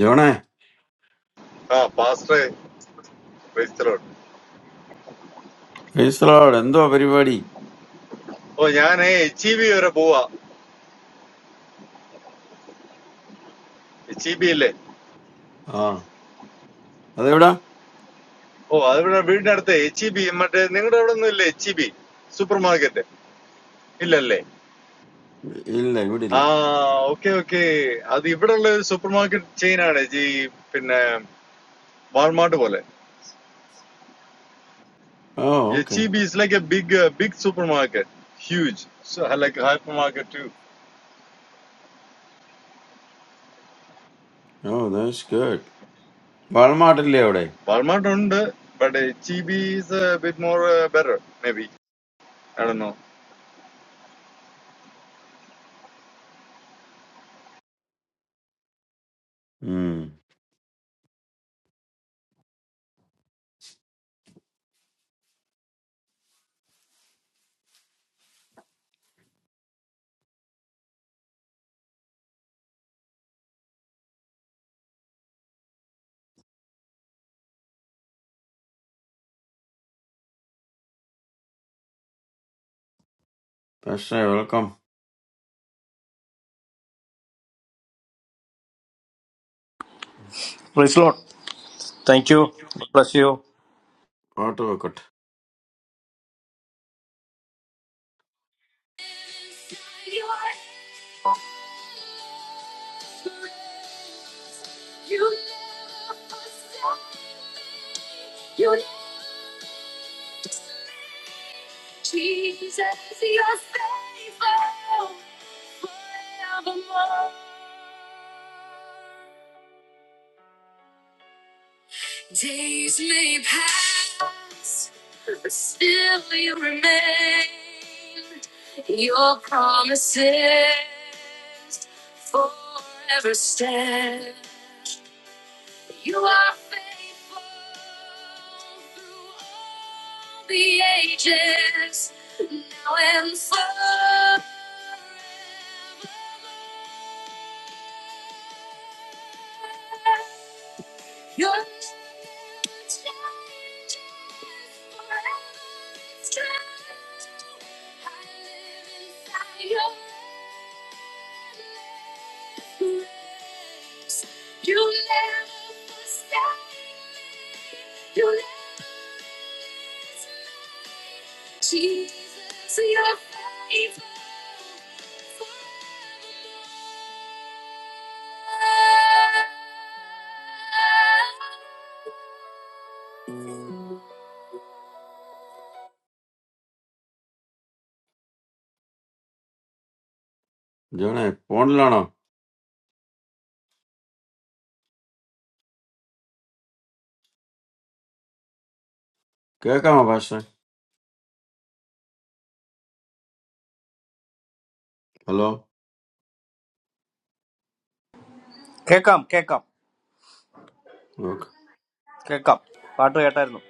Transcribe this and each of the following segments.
ജോണേ ആ പാസ്റ്ററെ ക്രൈസ്തലോട് ഫേസലോട് എന്തോ പരിപാടി ഓ ഞാനേ എച്ച് ഇ ബി വരെ പോവാ എച്ച് ഇ ബി ഇല്ലേ ആ അതെവിടാ ഓ അത് ഇവിടെ വീടിനടുത്ത് എച്ച് ഇ ബി മറ്റേ നിങ്ങളുടെ അവിടെ ഒന്നും ഇല്ലേ H E B supermarket ഇല്ലല്ലേ ഇല്ല ഇവിടെ ആ ഇല്ല ഓക്കെ ഓക്കെ അത് ഇവിടെ ഉള്ള ഒരു സൂപ്പർ മാർക്കറ്റ് ചെയിൻ ആണ് ജി പിന്നെ വാൾമാർട്ട് പോലെ oh okay H E B is like a big big supermarket huge like hypermarket too oh that's good വാൾമാർട്ടില്ലേ അവിടെ വാൾമാർട്ട് ഉണ്ട് ബട്ട് എച്ച് ഇ ബി ഉം പക്ഷേ welcome Please Lord, thank you. Bless you. Auto വെക്കട്ടെ ജോണേ ഫോണിലാണോ കേക്കാമോ പക്ഷേ hello Come, come, come. Okay Come. Pastor, what are you doing?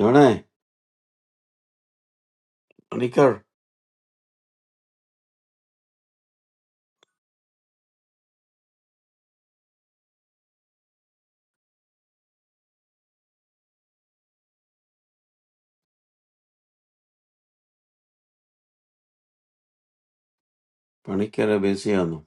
ജോണേ പണിക്കർ പണിക്കരെ ബിസിയാന്നു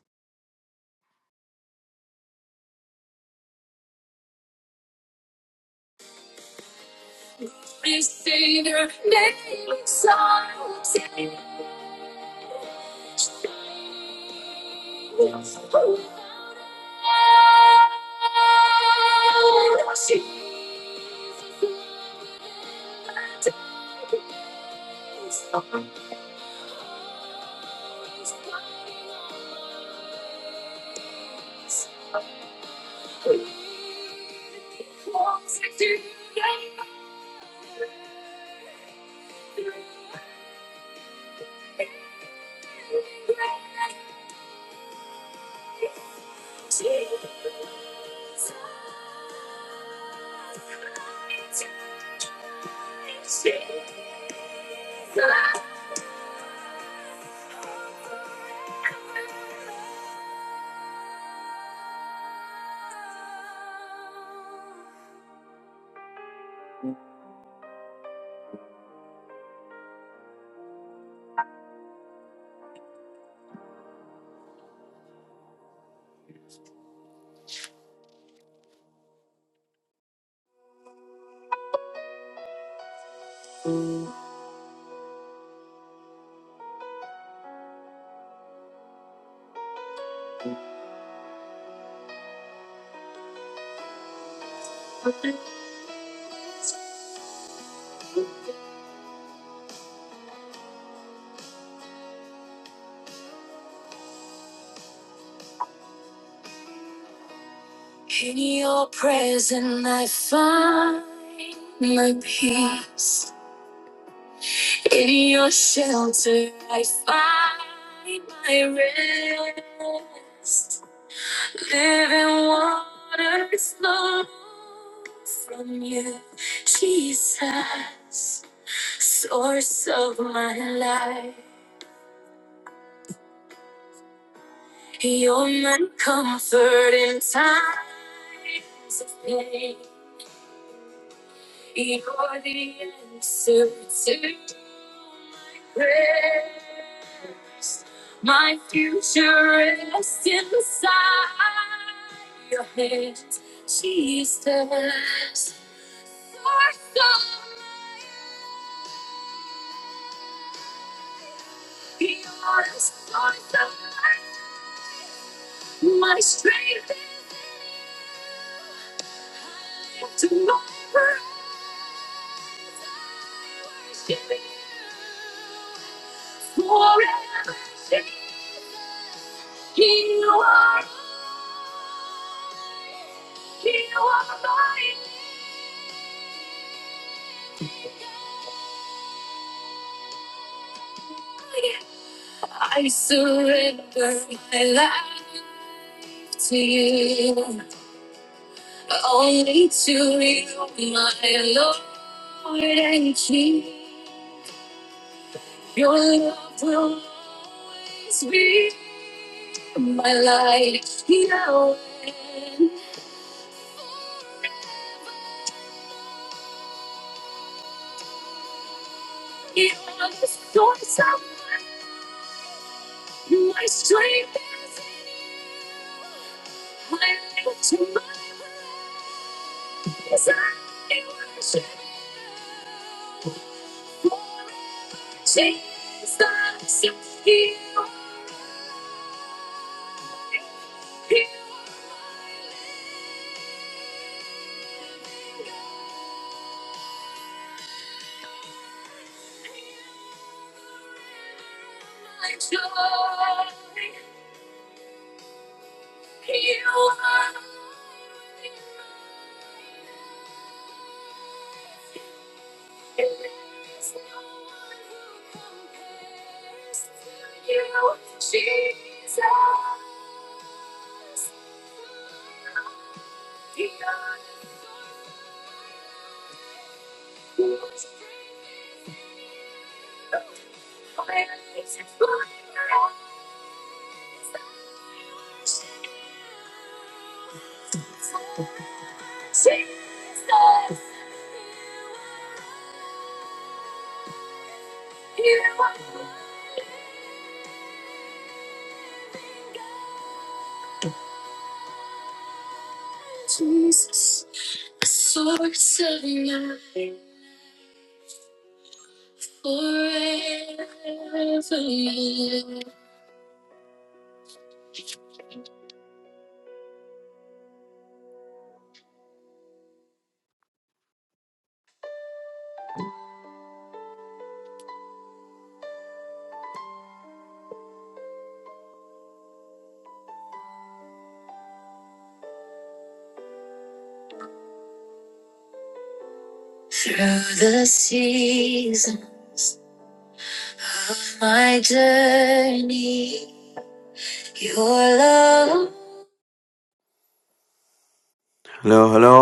ഹലോ ഹലോ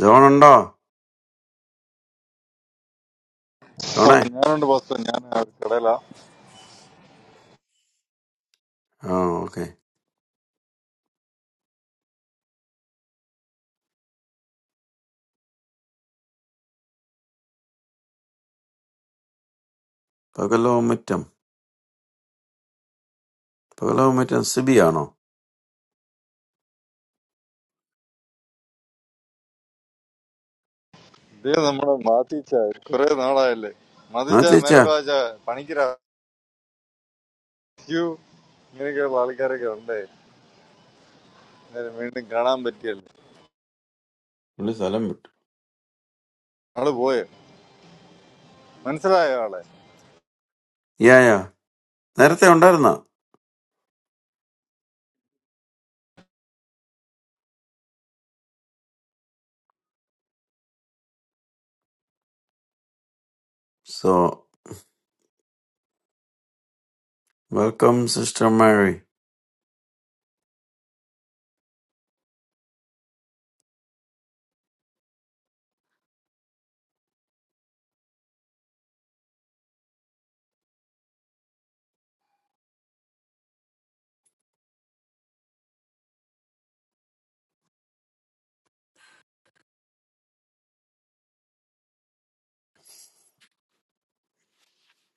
ജോൺ ഉണ്ടോ ജോണേ ആ ഓക്കെ പകലോ മുറ്റം പകലോ മുറ്റം സിബിയാണോ ഇത് നമ്മളെ മാത്തിച്ച കുറെ നാളായല്ലേ ആ മതിച്ച ചേച്ചാ മെരട് വാച്ച പണിക്കര യു ഇങ്ങനെയൊക്കെയുള്ള ആൾക്കാരൊക്കെ ഉണ്ടേ അന്നേരം വീണ്ടും കാണാൻ പറ്റിയല്ലേ പുള്ളി സ്ഥലം വിട്ടു ആള് പോയോ മനസ്സിലായോ ആളെ യാ യാ നേരത്തെ ഉണ്ടായിരുന്നോ so Welcome, Sister Mary.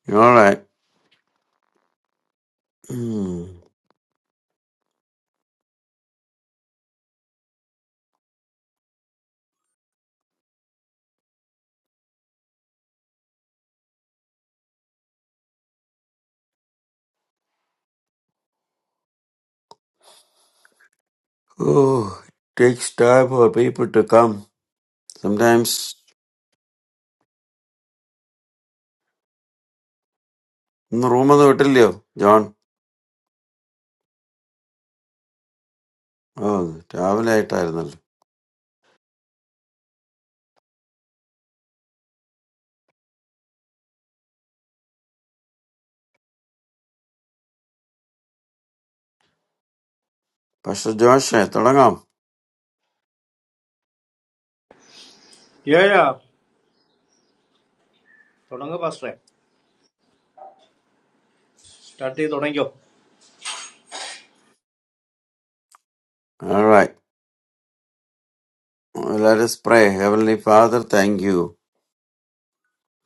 You all right? Hmm. Oh, it takes time for people to come. Sometimes ഇന്ന് റൂമൊന്നും വിട്ടില്ലയോ ജോൺ ഓ രാവിലെ ആയിട്ടായിരുന്നല്ലോ പക്ഷെ ജോഷേ തുടങ്ങാം Yeah, yeah. Good morning, Pastor. Starting. Good morning, Joe. All right. Well, Let us pray. Heavenly Father, thank you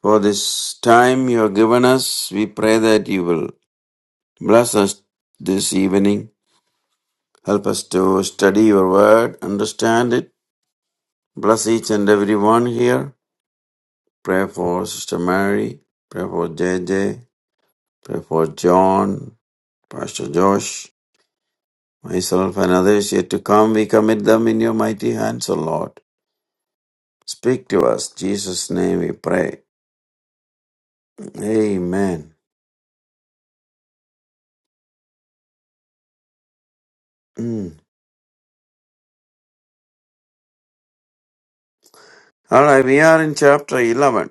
for this time you have given us. We pray that you will bless us this evening. Help us to study your word, understand it. Bless each and every one here. Pray for Sister Mary. Pray for J J. Pray for John, Pastor Josh, myself, and others yet to come. We commit them in your mighty hands, O Lord. Speak to us. In Jesus' name we pray. Amen. Mm. All right, we are in chapter 11.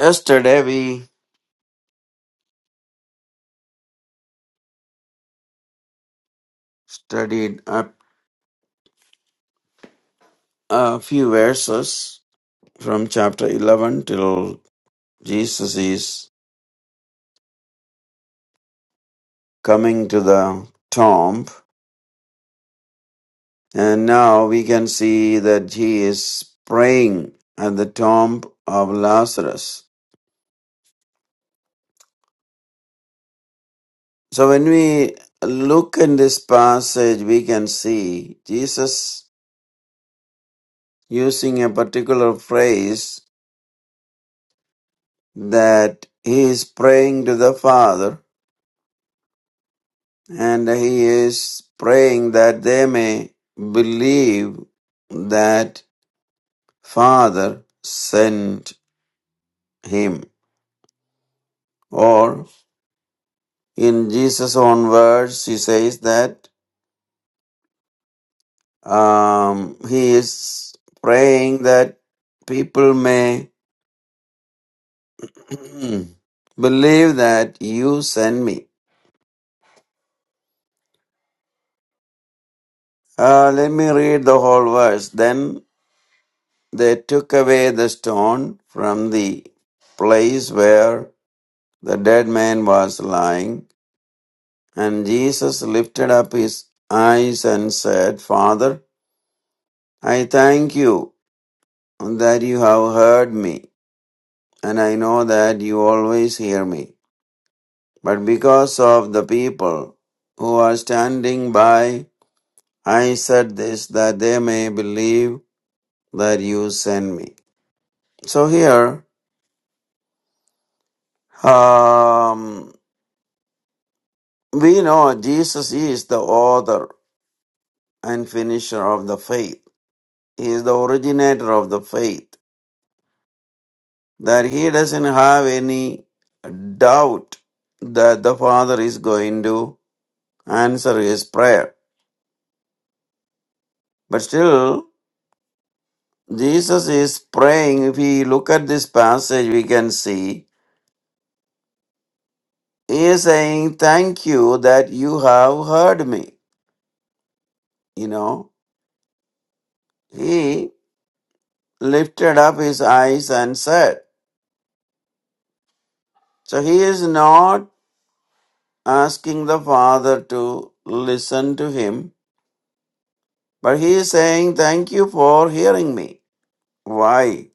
Yesterday we studied a, a few verses from chapter 11 till Jesus is coming to the tomb And now we can see that he is praying at the tomb of Lazarus. So when we look in this passage, we can see Jesus using a particular phrase that he is praying to the Father and he is praying that they may believe that Father sent him. Or in Jesus' own words, he says that Um, he is praying that people may believe that you sent me. Uh, let me read the whole verse. Then they took away the stone from the place where the dead man was lying, and Jesus lifted up his eyes and said, Father, I thank you that you have heard me, and I know that you always hear me. But because of the people who are standing by, I said this that they may believe that you sent me. So here, um, we know Jesus is the author and finisher of the faith. He is the originator of the faith. That he doesn't have any doubt that the Father is going to answer his prayer. But still, Jesus is praying. If we look at this passage, we can see he is saying, Thank you that you have heard me. You know, he lifted up his eyes and said, So he is not asking the Father to listen to him, but he is saying, Thank you for hearing me. Why?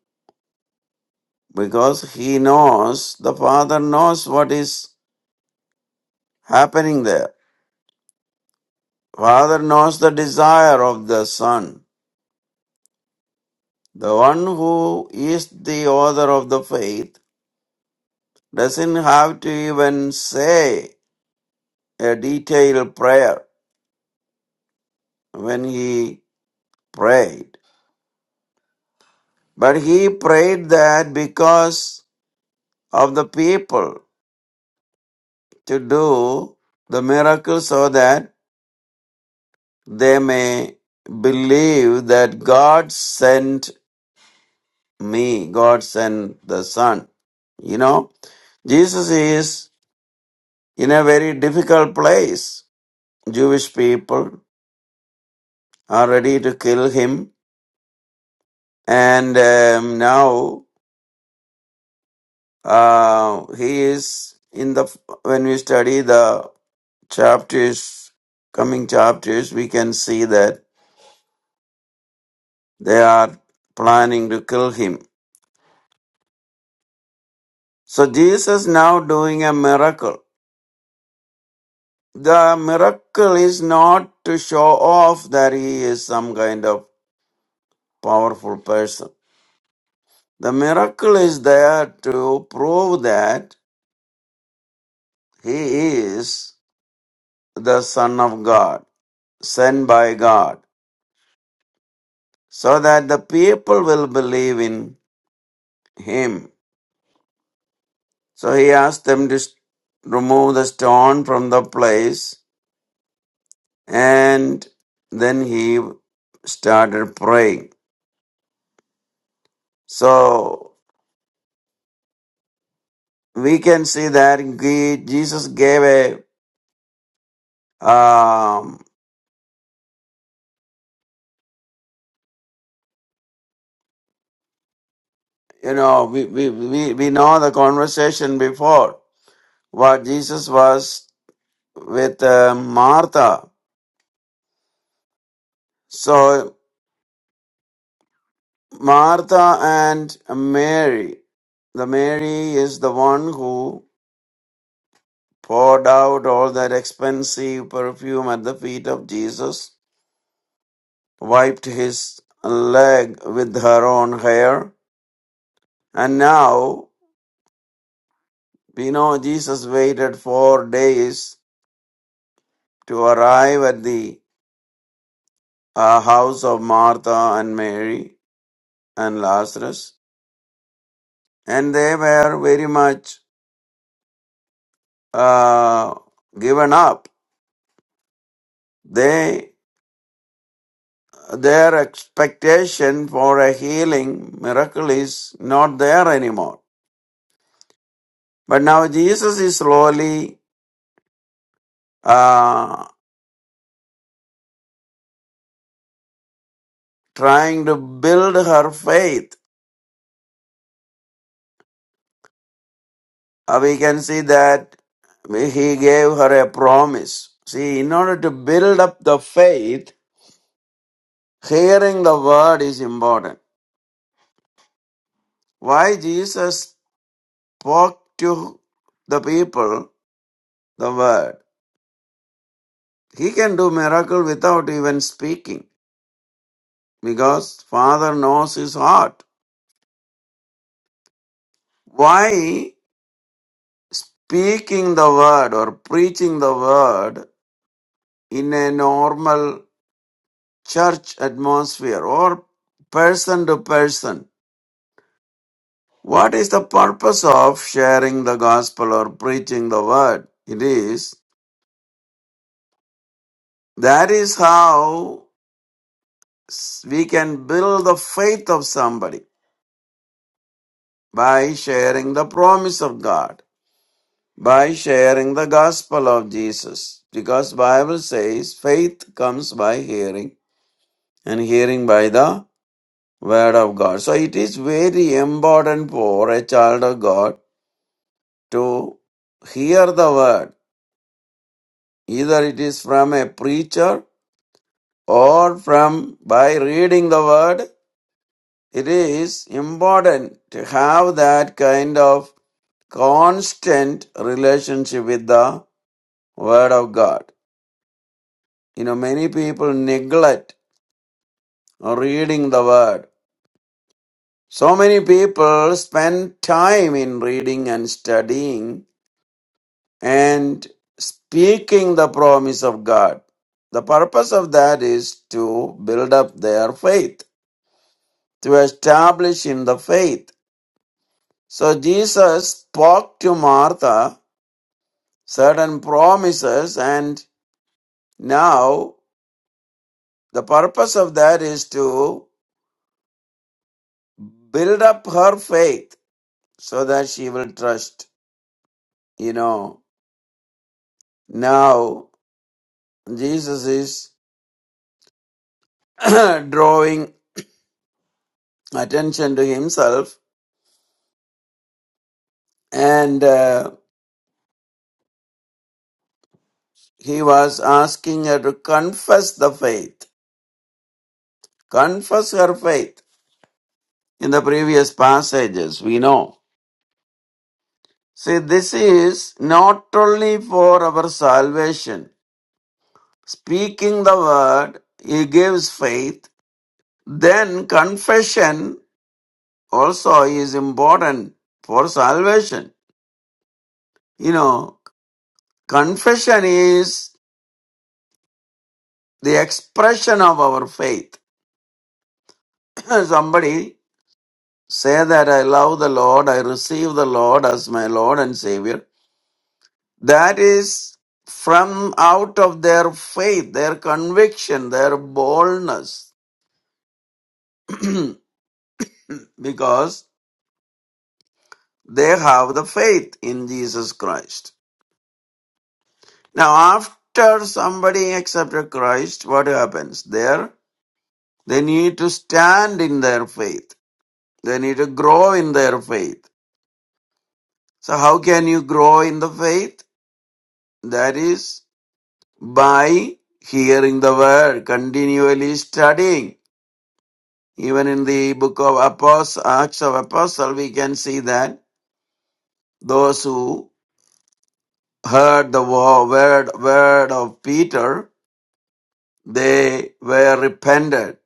Because he knows, the Father knows what is happening there. Father knows the desire of the Son. The one who is the author of the faith doesn't have to even say a detailed prayer when he prayed. But he prayed that because of the people to do the miracle so that they may believe that God sent me, God sent the Son. You know, Jesus is in a very difficult place. Jewish people are ready to kill him, and um, now uh, he is in the. When we study the chapters, coming chapters, we can see that they are planning to kill him. So Jesus now doing a miracle. The miracle is not to show off that he is some kind of powerful person. The miracle is there to prove that he is the Son of God. sent by God, so that the people will believe in him. So he asked them to s- remove the stone from the place, and then he started praying. So we can see that he, Jesus gave a, um, you know, we, we, we, we know the conversation before what Jesus was with uh, Martha. So Martha and Mary. The Mary is the one who poured out all that expensive perfume at the feet of Jesus, wiped his leg with her own hair, and now we know Jesus waited four days to arrive at the uh, house of Martha and Mary and Lazarus, and they were very much uh, given up. They their expectation for a healing miracle is not there anymore. But now Jesus is slowly uh, trying to build her faith. Uh, we can see that he gave her a promise. See, in order to build up the faith, hearing the word is important. Why Jesus spoke to the people the word? He can do miracle without even speaking. because Father knows his heart. Why speaking the word or preaching the word in a normal church atmosphere or person to person? What is the purpose of sharing the gospel or preaching the word? It is that is how we can build the faith of somebody by sharing the promise of God. by sharing the gospel of Jesus because Bible says faith comes by hearing and hearing by the word of God. So it is very important for a child of God to hear the word either it is from a preacher or from by reading the word it is important to have that kind of constant relationship with the word of God you know many people neglect reading the word. So many people spend time in reading and studying and speaking the promise of God. The purpose of that is to build up their faith, to establish in the faith. So Jesus spoke to Martha certain promises, and now the purpose of that is to build up her faith so that she will trust, you know. Now, Jesus is drawing attention to himself and uh, he was asking her to confess the faith. Confess her faith. In the previous passages, we know. See, this is not only for our salvation. Speaking the word, he gives faith. Then confession also is important for salvation. You know, confession is the expression of our faith. Somebody say that I love the Lord, I receive the Lord as my Lord and Savior. That is from out of their faith, their conviction, their boldness, because they have the faith in Jesus Christ. Now, after somebody accepted Christ, what happens? There, they need to stand in their faith. They need to grow in their faith So how can you grow in the faith? That is by hearing the word, continually studying. Even in the book of Apostles, Acts of Apostle, we can see that those who heard the wo- word, word of Peter, they were repented.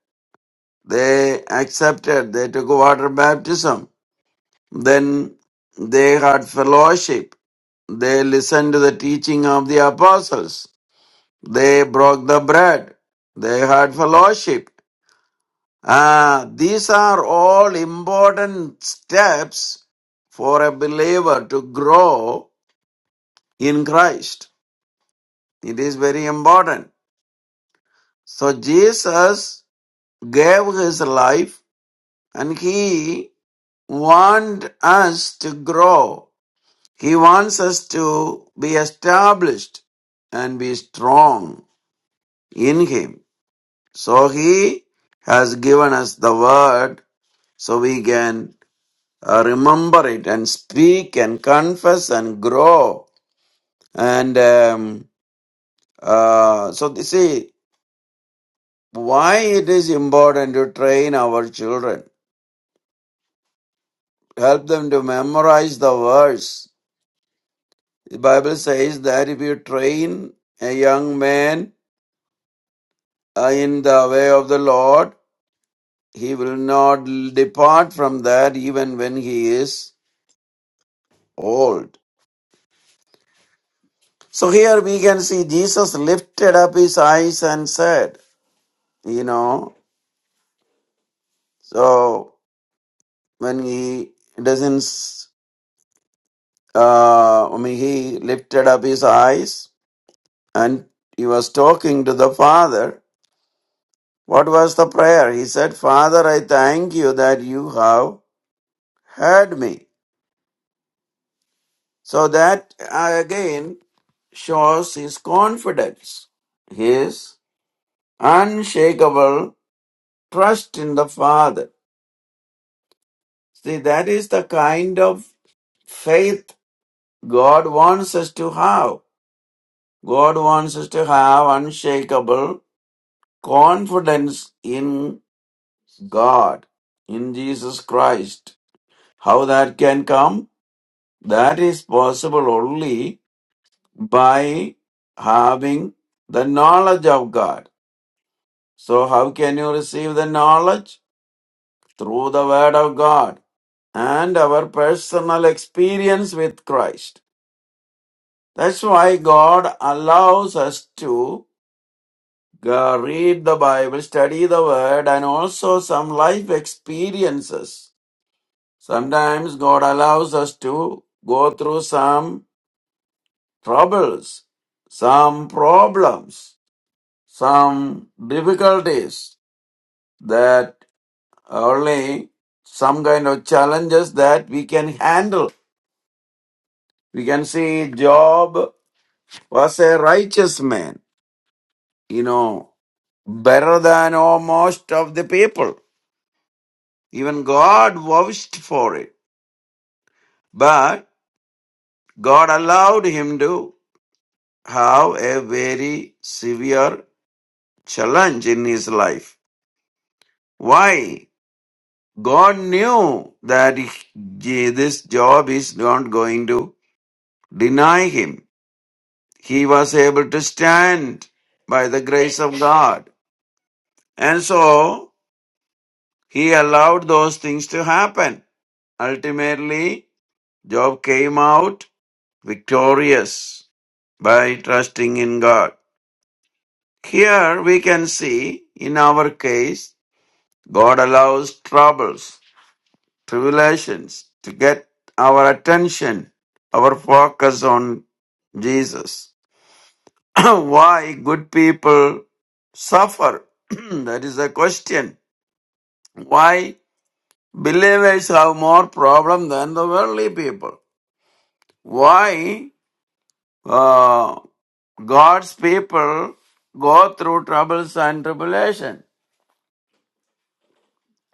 They accepted, they took water baptism. Then they had fellowship. They listened to the teaching of the apostles They broke the bread. They had fellowship. Ah, these are all important steps for a believer to grow in Christ. It is very important. So Jesus gave his life and he wants us to grow. He wants us to be established and be strong in him. So he has given us the word so we can uh, remember it and speak and confess and grow. And um, uh, so, you see, why it is important to train our children, help them to memorize the verse. The Bible says that if you train a young man uh, in the way of the Lord, he will not depart from that even when he is old. So here we can see Jesus lifted up his eyes and said, you know. So when he doesn't, s- uh, I mean, he lifted up his eyes and he was talking to the Father. What was the prayer? He said, Father, I thank you that you have heard me. So that uh, again shows his confidence, his unshakable trust in the Father. See, that is the kind of faith God wants us to have God wants us to have unshakable confidence in God, in Jesus Christ. How that can come? That is possible only by having the knowledge of God. So, how can you receive the knowledge? Through the Word of God and our personal experience with Christ. That's why God allows us to Go read the Bible, study the Word, and also some life experiences. Sometimes God allows us to go through some troubles, some problems, some difficulties that only some kind of challenges that we can handle. We can see Job was a righteous man, you know, better than almost of the people. Even God vouched for it. But God allowed him to have a very severe challenge in his life. Why? God knew that he- this job is not going to deny him. He was able to stand by the grace of God. And so he allowed those things to happen. Ultimately, Job came out victorious by trusting in God. Here we can see, in our case, God allows troubles, tribulations to get our attention, our focus on Jesus. Why good people suffer? that is a question. Why believers have more problem than the worldly people? Why uh, God's people go through troubles and tribulation?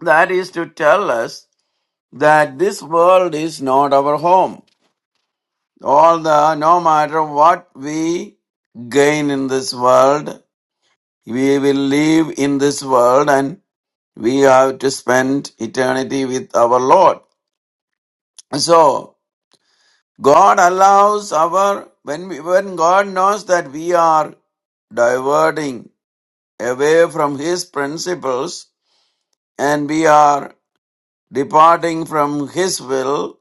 That is to tell us that this world is not our home. All the, no matter what we gain in this world, we will live in this world and we have to spend eternity with our Lord. So, God allows our, when, we, when God knows that we are diverting away from His principles and we are departing from His will,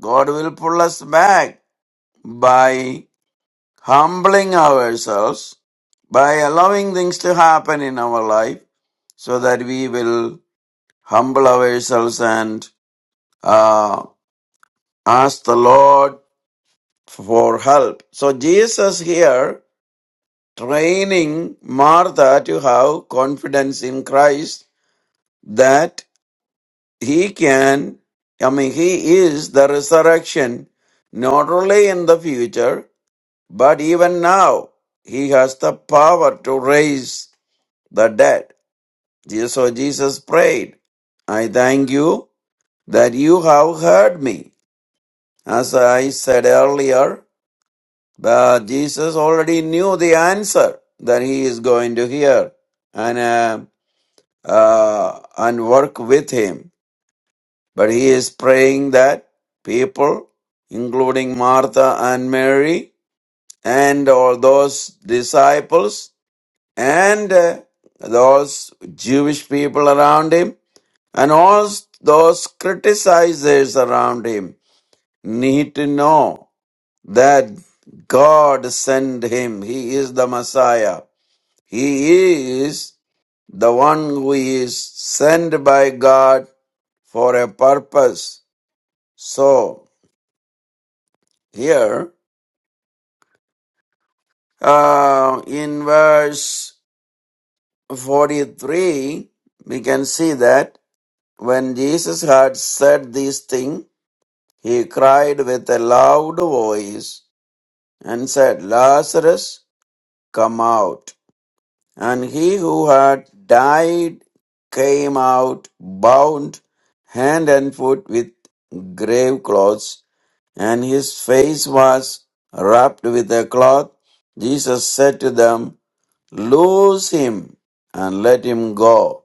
God will pull us back by humbling ourselves, by allowing things to happen in our life, so that we will humble ourselves and uh, ask the Lord for help. So, Jesus here training Martha to have confidence in Christ that he can, I mean, he is the resurrection, not only in the future, But even now, he has the power to raise the dead. Je- So Jesus prayed, I thank you that you have heard me. As I said earlier, but Jesus already knew the answer that he is going to hear and, uh, uh, and work with him. But he is praying that people, including Martha and Mary, and all those disciples and uh, those Jewish people around him and all those criticizers around him need to know that God sent him. He is the Messiah. He is the one who is sent by God for a purpose. So here uh, in verse 43, we can see that. When Jesus had said these things, he cried with a loud voice and said, Lazarus, come out. And he who had died came out bound hand and foot with grave clothes, and his face was wrapped with a cloth. Jesus said to them, Loose him and let him go.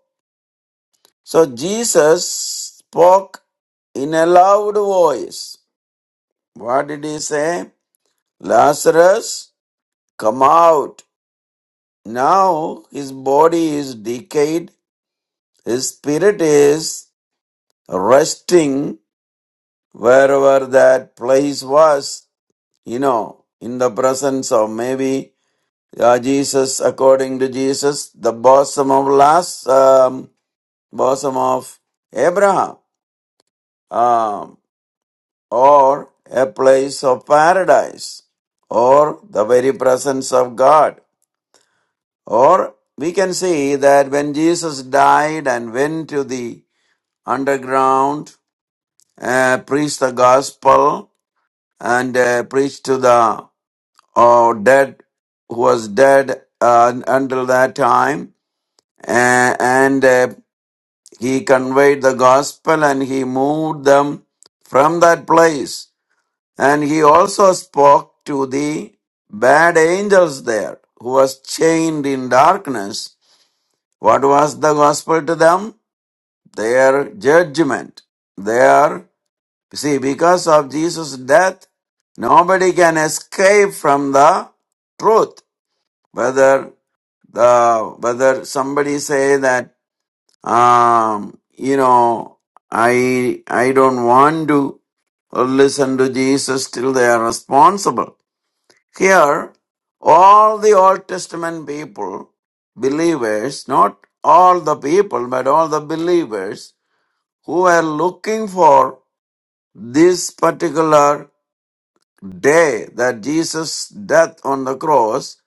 So Jesus spoke in a loud voice. What did he say? Lazarus, come out. Now his body is decayed, his spirit is resting wherever that place was, you know, in the presence of maybe uh, Jesus, according to Jesus, the bosom of Las, um, bosom of Abraham. Um, or a place of paradise or the very presence of God. Or we can see that when Jesus died and went to the underground, uh, preached the gospel and uh, preached to the oh dead who was dead uh, until that time, uh, and uh, he conveyed the gospel and he moved them from that place And he also spoke to the bad angels there, who was chained in darkness. What was the gospel to them? Their judgment. Their, see, because of Jesus' death, nobody can escape from the truth. Whether the, whether somebody say that, um, you know, I, I don't want to listen to Jesus till they are responsible. Here, all the Old Testament people, believers, not all the people, but all the believers who were looking for this particular day that Jesus' death on the cross,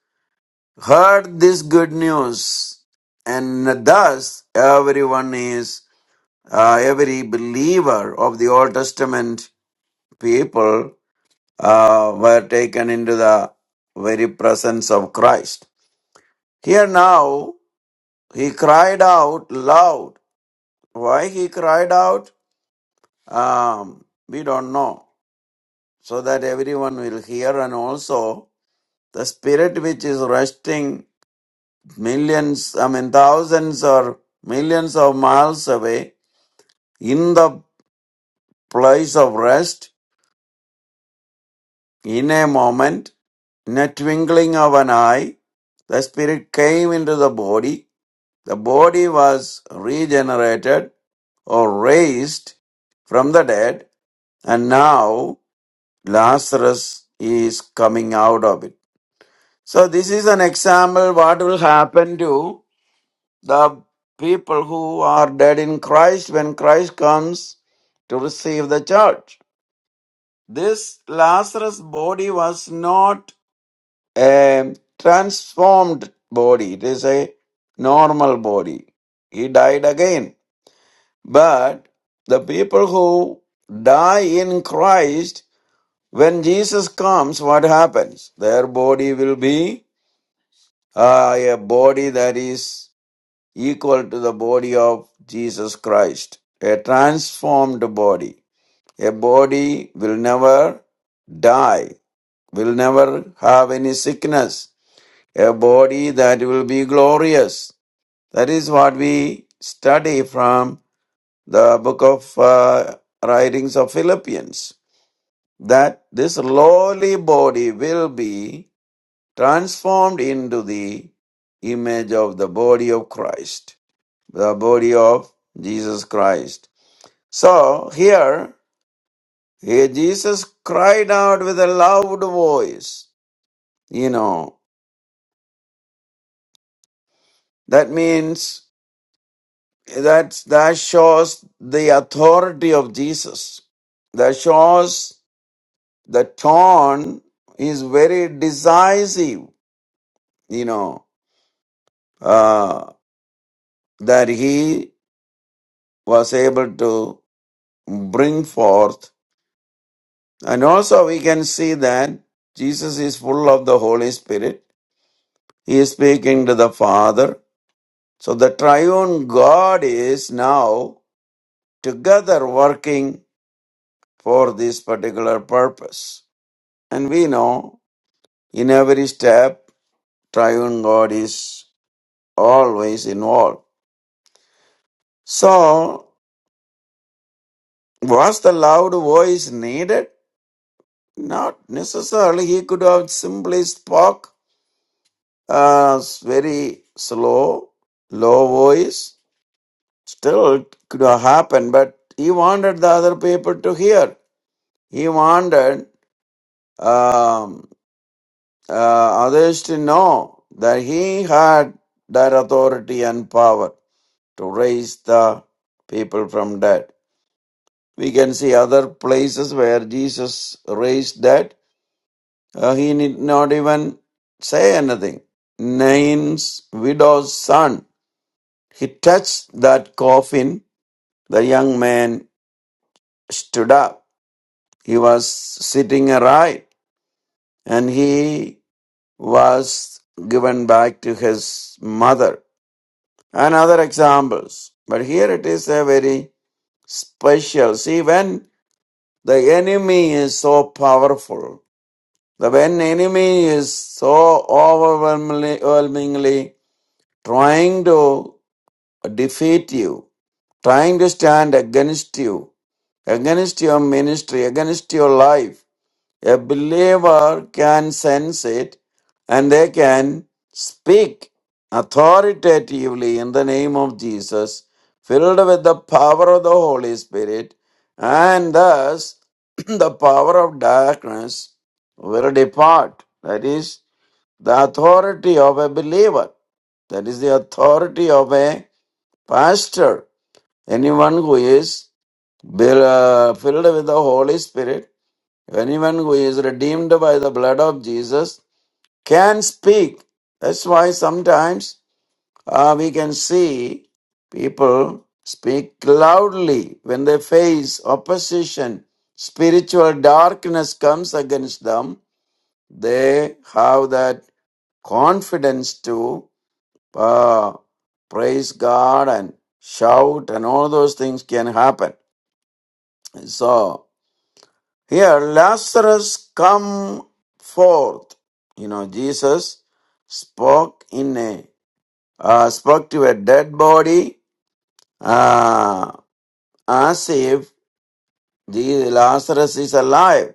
heard this good news. And thus, everyone is, uh, every believer of the Old Testament people uh, were taken into the very presence of Christ. Here now, he cried out loud. Why he cried out? Um, we don't know. So that everyone will hear, and also the spirit which is resting millions, I mean, thousands or millions of miles away in the place of rest in a moment, in a twinkling of an eye, the spirit came into the body The body was regenerated or raised from the dead, and now Lazarus is coming out of it. So, this is an example what will happen to the people who are dead in Christ when Christ comes to receive the church. This Lazarus body was not a transformed body, it is a normal body. He died again. But the people who die in Christ, when Jesus comes, what happens? Their body will be uh, a body that is equal to the body of Jesus Christ, a transformed body. A body will never die, will never have any sickness, a body that will be glorious. That is what we study from the book of uh, writings of Philippians, that this lowly body will be transformed into the image of the body of Christ, the body of Jesus Christ. So here, here Jesus cried out with a loud voice. You know, that means that that shows the authority of Jesus. That shows The tone is very decisive, you know, uh, that he was able to bring forth. And also, we can see that Jesus is full of the Holy Spirit. He is speaking to the Father. So, the triune God is now together working for this particular purpose. And we know in every step, triune God is always involved. So, was the loud voice needed? Not necessarily. He could have simply spoke uh, very slow, low voice. Still, it could have happened, but he wanted the other people to hear. He wanted um, uh, others to know that he had that authority and power to raise the people from dead. We can see other places where Jesus raised dead Uh, he need not even say anything. Nain's widow's son. He touched that coffin. The young man stood up. He was sitting upright, and he was given back to his mother. And other examples. But here it is a very special. See, when the enemy is so powerful, the when enemy is so overwhelmingly, overwhelmingly trying to defeat you, trying to stand against you, against your ministry, against your life. A believer can sense it and they can speak authoritatively in the name of Jesus, filled with the power of the Holy Spirit, and thus the power of darkness will depart. That is the authority of a believer. That is the authority of a pastor. Anyone who is be- uh, filled with the Holy Spirit, anyone who is redeemed by the blood of Jesus, can speak. That's why sometimes uh, we can see people speak loudly when they face opposition. Spiritual darkness comes against them. They have that confidence to uh, praise God and shout and all those things can happen. So here Lazarus come forth. You know Jesus spoke in a uh, spoke to a dead body uh, as if the Lazarus is alive.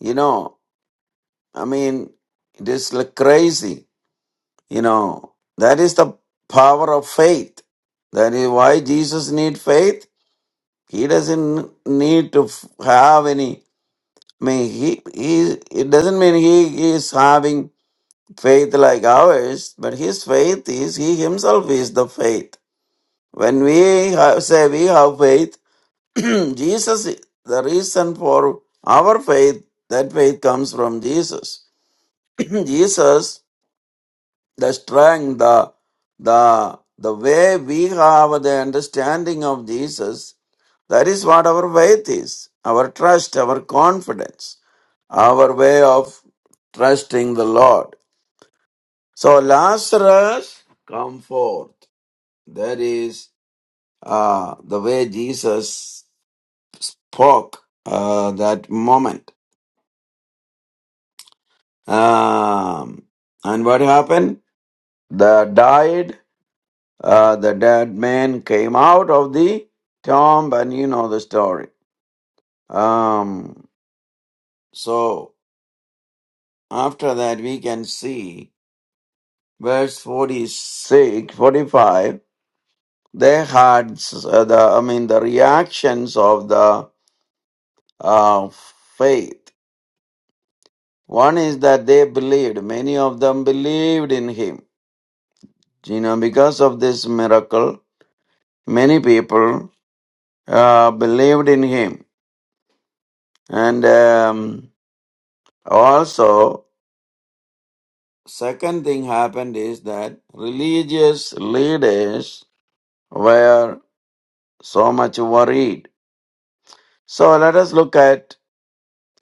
You know, I mean it is like crazy. You know that is the power of faith. That is why Jesus need faith He doesn't need to f- have any. I mean, he, he it doesn't mean he is having faith like ours, but his faith is he himself is the faith. When we have, say we have faith, Jesus, is- the reason for our faith, that faith comes from Jesus. Jesus the strength, the, the, the way we have the understanding of Jesus, that is what our faith is, our trust, our confidence, our way of trusting the Lord. So Lazarus, come forth. That is uh, the way Jesus spoke uh, that moment. Um, and what happened? The died uh, the dead man came out of the tomb, and you know the story. Um, so after that, we can see verse 46, 45. They had s- uh, the, I mean, the reactions of the uh, faith. One is that they believed. Many of them believed in him. You know, because of this miracle, many people uh, believed in him, and um, also second thing happened is that religious leaders were so much worried. So let us look at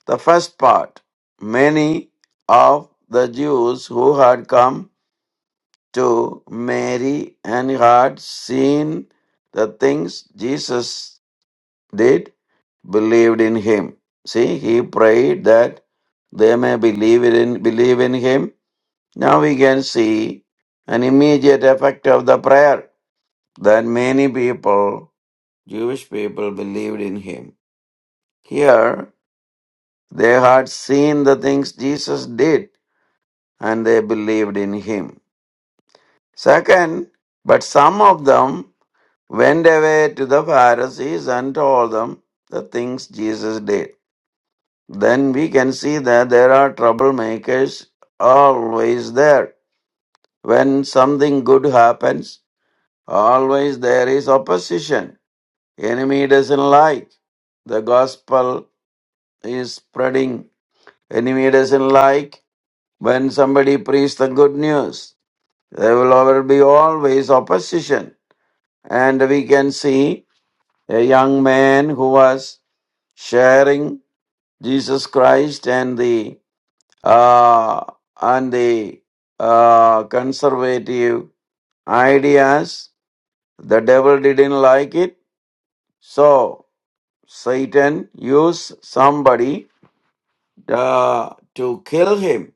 the first part. Many of the Jews who had come to Mary and had seen the things Jesus did believed in him. See, he prayed that they may believe in believe in him. Now we can see an immediate effect of the prayer. that many people, Jewish people, believed in him. Here, they had seen the things Jesus did and they believed in him. Second, but some of them went away to the Pharisees and told them the things Jesus did. Then we can see that there are troublemakers always there. When something good happens, always there is opposition. Enemy doesn't like the gospel is spreading. Enemy doesn't like when somebody preaches the good news. There will always be always opposition. And we can see a young man who was sharing Jesus Christ and the uh, and the uh, conservative ideas. The devil didn't like it, so Satan used somebody uh, to kill him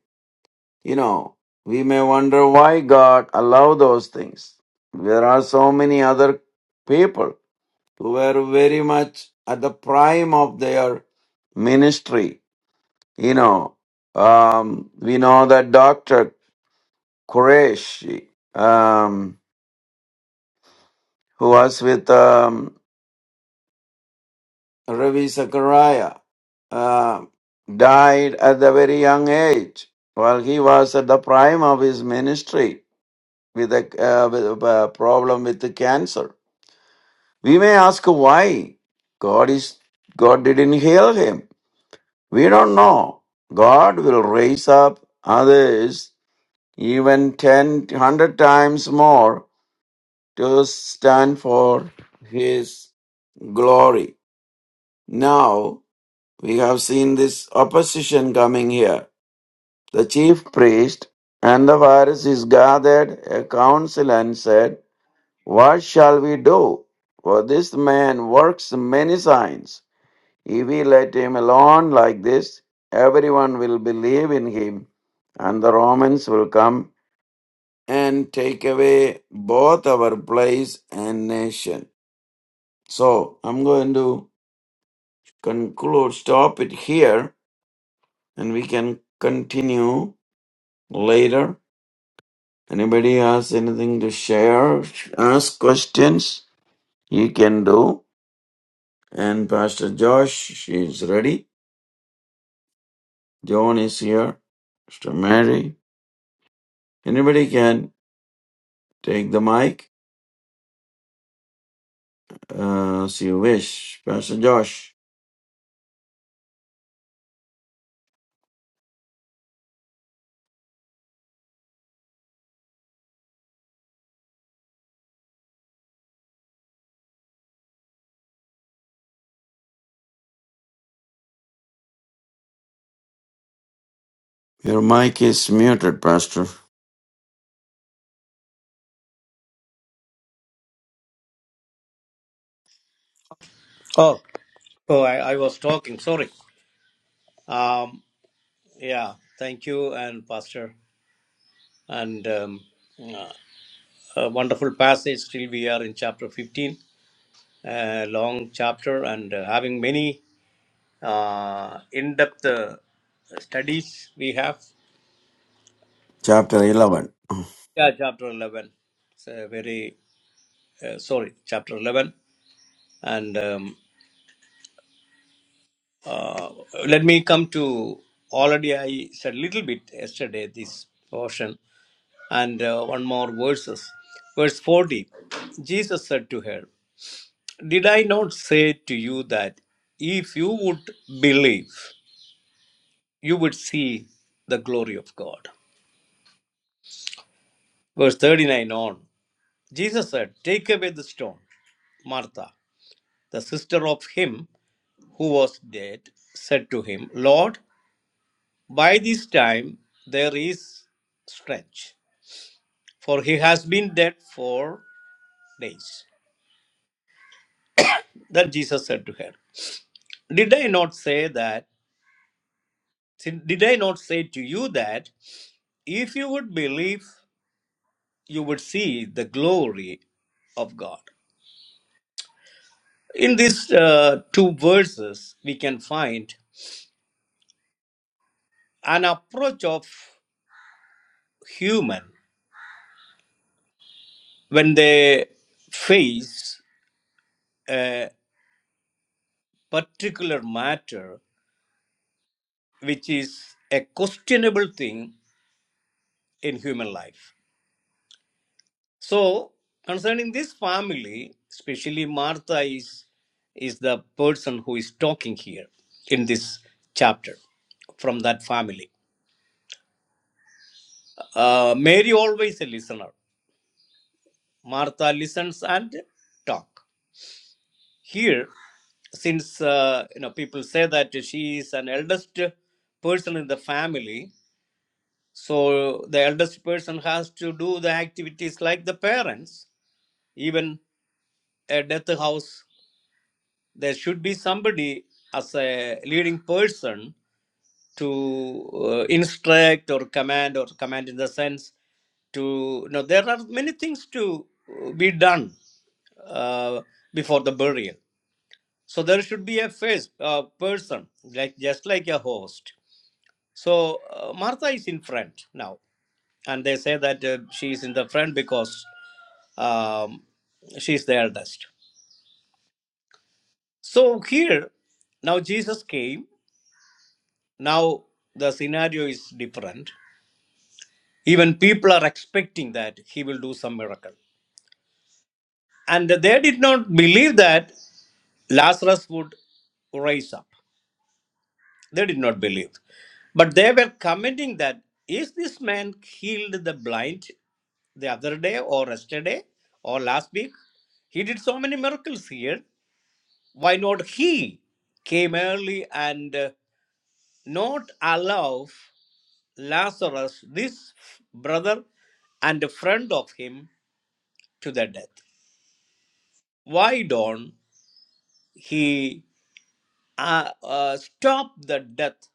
You know, we may wonder why God allowed those things. There are so many other people who were very much at the prime of their ministry. You know, um, we know that Dr. Qureshi, um, who was with um, Ravi Zachariah, uh, died at the very young age while he was at the prime of his ministry with a, uh, with a uh, problem with the cancer. We may ask why God is God didn't heal him. We don't know. God will raise up others even ten, hundred times more to stand for his glory. Now we have seen this opposition coming here. The chief priest and the Pharisees gathered a council and said, What shall we do? For this man works many signs. If we let him alone like this, everyone will believe in him, and the Romans will come and take away both our place and nation. So I'm going to conclude, stop it here, and we can continue later. Anybody has anything to share? Ask questions? You can do. And Pastor Josh, she's ready. John is here. Sister Mary. Anybody can take the mic uh, as you wish. Pastor Josh, your mic is muted, Pastor. Oh. Oh, I was talking. Sorry. Um. Yeah. Thank you, and Pastor, and wonderful passage. Still, we are in chapter 15, long chapter, and having many in-depth studies. We have. Chapter 11. Yeah, chapter 11. It's a Very uh, sorry, chapter 11. And um, uh, let me come to already I said a little bit yesterday this portion and uh, one more verses. Verse 40 Jesus said to her, Did I not say to you that if you would believe, you would see the glory of God? Verse 39 on Jesus said, Take away the stone. Martha, the sister of him who was dead, said to him, Lord. By this time, there is stretch, for he has been dead four days. Then Jesus said to her, Did I not say that? Did I not say to you that if you would believe, you would see the glory of God? In these uh, two verses, we can find an approach of human when they face a particular matter which is a questionable thing in human life. So, concerning this family, especially Martha is, is the person who is talking here in this chapter from that family. Uh, Mary always a listener. Martha listens and talk. Here, since uh, you know people say that she is an eldest person in the family, so the eldest person has to do the activities like the parents even a death house, there should be somebody as a leading person to uh, instruct or command or command in the sense to you know there are many things to uh, be done uh, before the burial so there should be a face a person like just like a host so uh, martha is in front now and they say that uh, she is in the front because um, she is the eldest So here, now Jesus came. Now the scenario is different. Even people are expecting that he will do some miracle. And they did not believe that Lazarus would rise up. They did not believe. But they were commenting that is this man healed the blind the other day or yesterday or last week? He did so many miracles here. Why not he came early and uh, not allow? Lazarus, this brother and a friend of him, to the death. Why don't he uh, uh, stop the death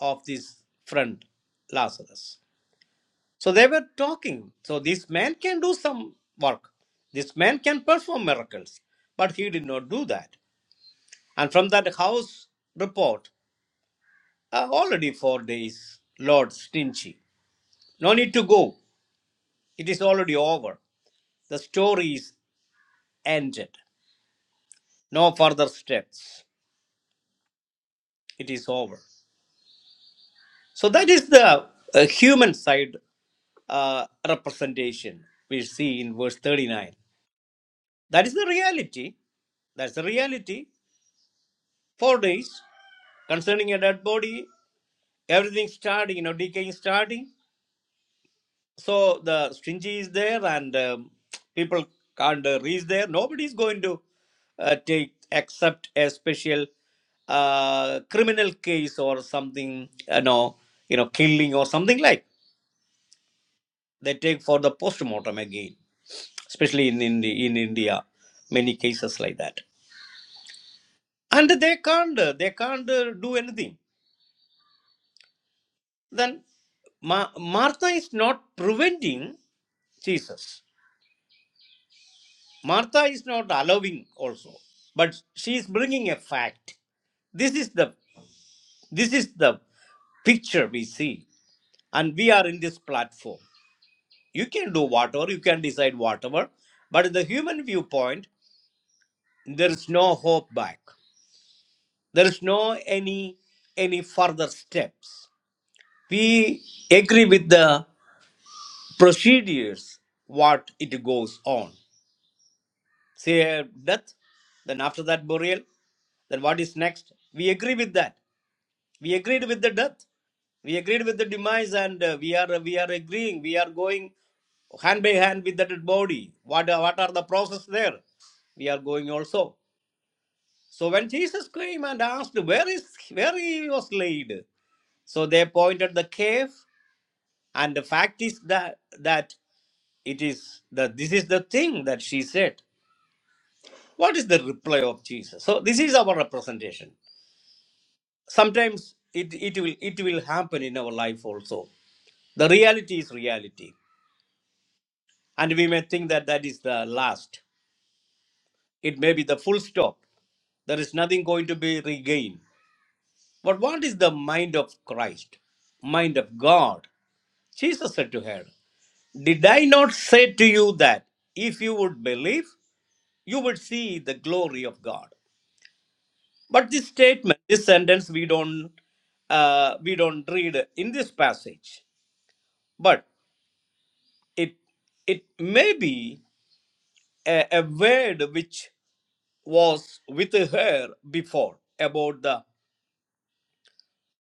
of this friend, Lazarus? So they were talking. So this man can do some work. This man can perform miracles. But he did not do that. And from that house report, uh, already four days, Lord stingy. No need to go. It is already over. The story is ended. no further steps it is over so that is the uh, human side uh, representation we see in verse 39 that is the reality that's the reality four days concerning a dead body everything starting you know decaying starting so the stingy is there and um, people can't uh, reach there nobody is going to uh, take except a special uh, criminal case or something you know you know killing or something like they take for the post-mortem again especially in in, in india many cases like that and they can't uh, they can't uh, do anything then Ma- martha is not preventing jesus Martha is not allowing also, but she is bringing a fact. This is the this is the picture we see, and we are in this platform. You can do whatever, you can decide whatever, but the human viewpoint, there is no hope back. There is no any any further steps. We agree with the procedures what it goes on. say uh, death then after that burial then what is next we agree with that we agreed with the death we agreed with the demise and uh, we are we are agreeing we are going hand by hand with the dead body what are- what are the process there we are going also so when jesus came and asked where is where he was laid so they pointed the cave and the fact is that that it is the this is the thing that she said what is the reply of jesus so this is our representation sometimes it, it will it will happen in our life also the reality is reality and we may think that that is the last it may be the full stop there is nothing going to be regained but what is the mind of christ mind of god jesus said to her did i not say to you that if you would believe you would see the glory of god But this statement, this sentence, we don't uh, we don't read in this passage, but it it may be a, a word which was with her before about the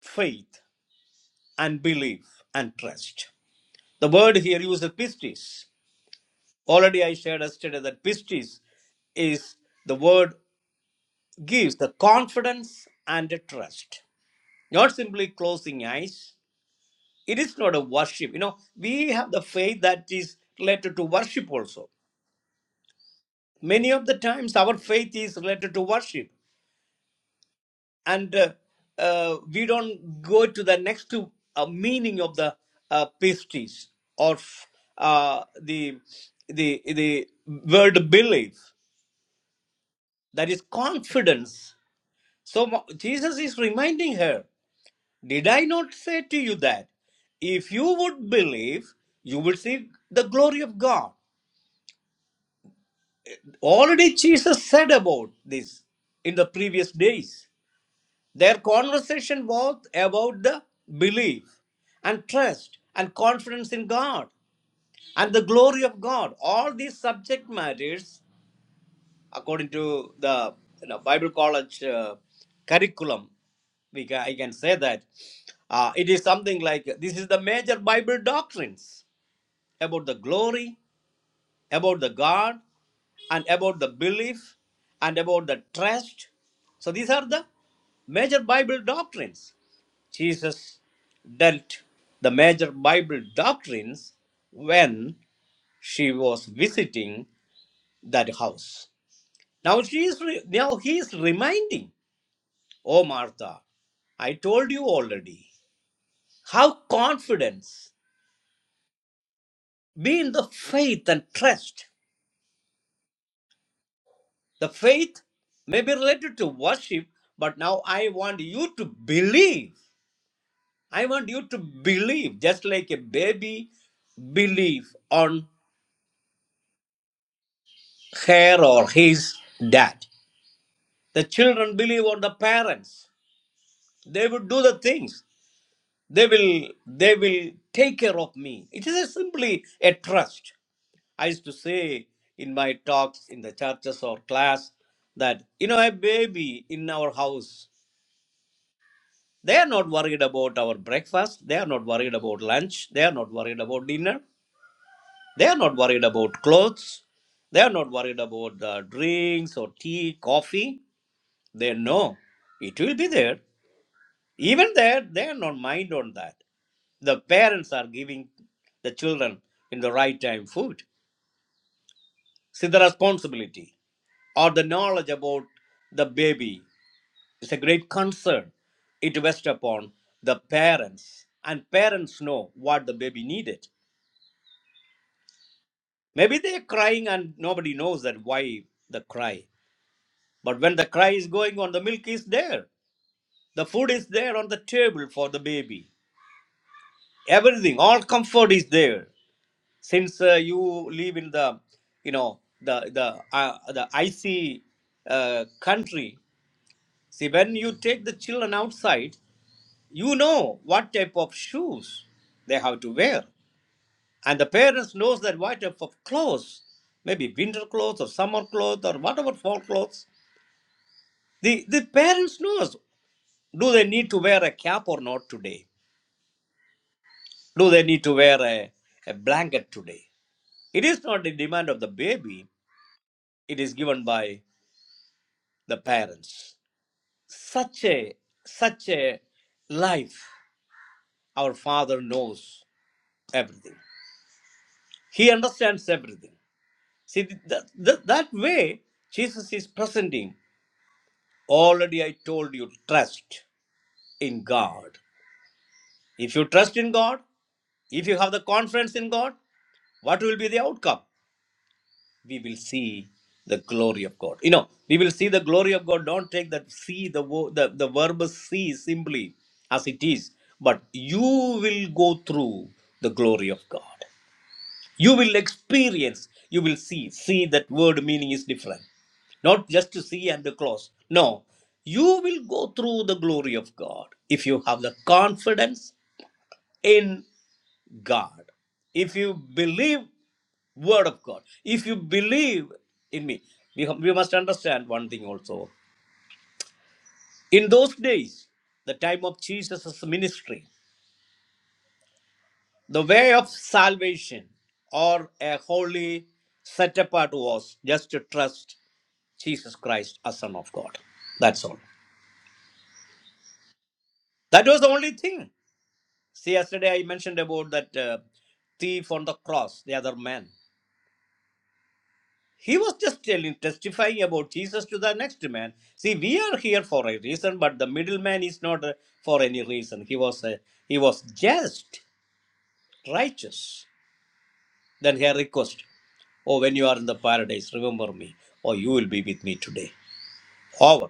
faith and belief and trust. The word here used is pistis. Already I shared yesterday that pistis is the word gives the confidence and the trust. Not simply closing eyes, It is not a worship. You know, we have the faith that is related to worship also. Many of the times, our faith is related to worship, and uh, uh, we don't go to the next to, uh, meaning of the uh, pistis or uh, the the the word belief. That is confidence. So mo- Jesus is reminding her, "Did I not say to you that if you would believe, you will see the glory of God?" Already Jesus said about this in the previous days. Their conversation was about the belief and trust and confidence in God and the glory of God. All these subject matters, according to the you know, Bible college uh, curriculum, we can, I can say that uh, it is something like this is the major Bible doctrines about the glory about the God and about the belief and about the trust. So these are the major Bible doctrines. Jesus dealt the major Bible doctrines when she was visiting that house. Now she is re- now he is reminding, oh Martha, I told you already. Have confidence, be in the faith and trust. The faith may be related to worship, but now I want you to believe. I want you to believe, just like a baby believe on her or his dad. The children believe on the parents. They will do the things. They will they will take care of me. It is a simply a trust. I used to say in my talks in the churches or class that you know a baby in our house They are not worried about our breakfast. They are not worried about lunch. They are not worried about dinner. They are not worried about clothes. They are not worried about the drinks or tea, coffee. They know it will be there. Even there, they are not mind on that. The parents are giving the children in the right time food. See the responsibility or the knowledge about the baby It's a great concern it rests upon the parents, and parents know what the baby needed. Maybe they're crying and nobody knows that why the cry. But when the cry is going on, the milk is there, the food is there on the table for the baby. Everything, all comfort is there. Since uh, you live in the, you know, the the uh, the icy uh, country. See, when you take the children outside. you know what type of shoes they have to wear and the parents knows that what type of clothes maybe winter clothes or summer clothes or whatever fall clothes the, the parents knows do they need to wear a cap or not today do they need to wear a, a blanket today it is not the demand of the baby it is given by the parents such a such a life our father knows everything he understands everything See, that that that way, Jesus is presenting, already I told you, trust in God. If you trust in God, if you have the confidence in God, what will be the outcome? We will see the glory of God. You know, we will see the glory of God. Don't take that see, the, wo- the, the verb see simply as it is, but you will go through the glory of God. you will experience you will see see that word meaning is different not just to see and to close no you will go through the glory of god if you have the confidence in god if you believe word of god if you believe in me we, we must understand one thing also in those days the time of jesus' ministry The way of salvation or a holy set apart was just to trust Jesus Christ as Son of God. That's all. That was the only thing. See, yesterday I mentioned about that uh, thief on the cross, the other man. He was just telling, testifying about Jesus to the next man. See, we are here for a reason, but the middleman is not uh, for any reason. He was uh, he was just righteous. Then her request, Oh, when you are in the paradise, remember me, or you will be with me today. Over.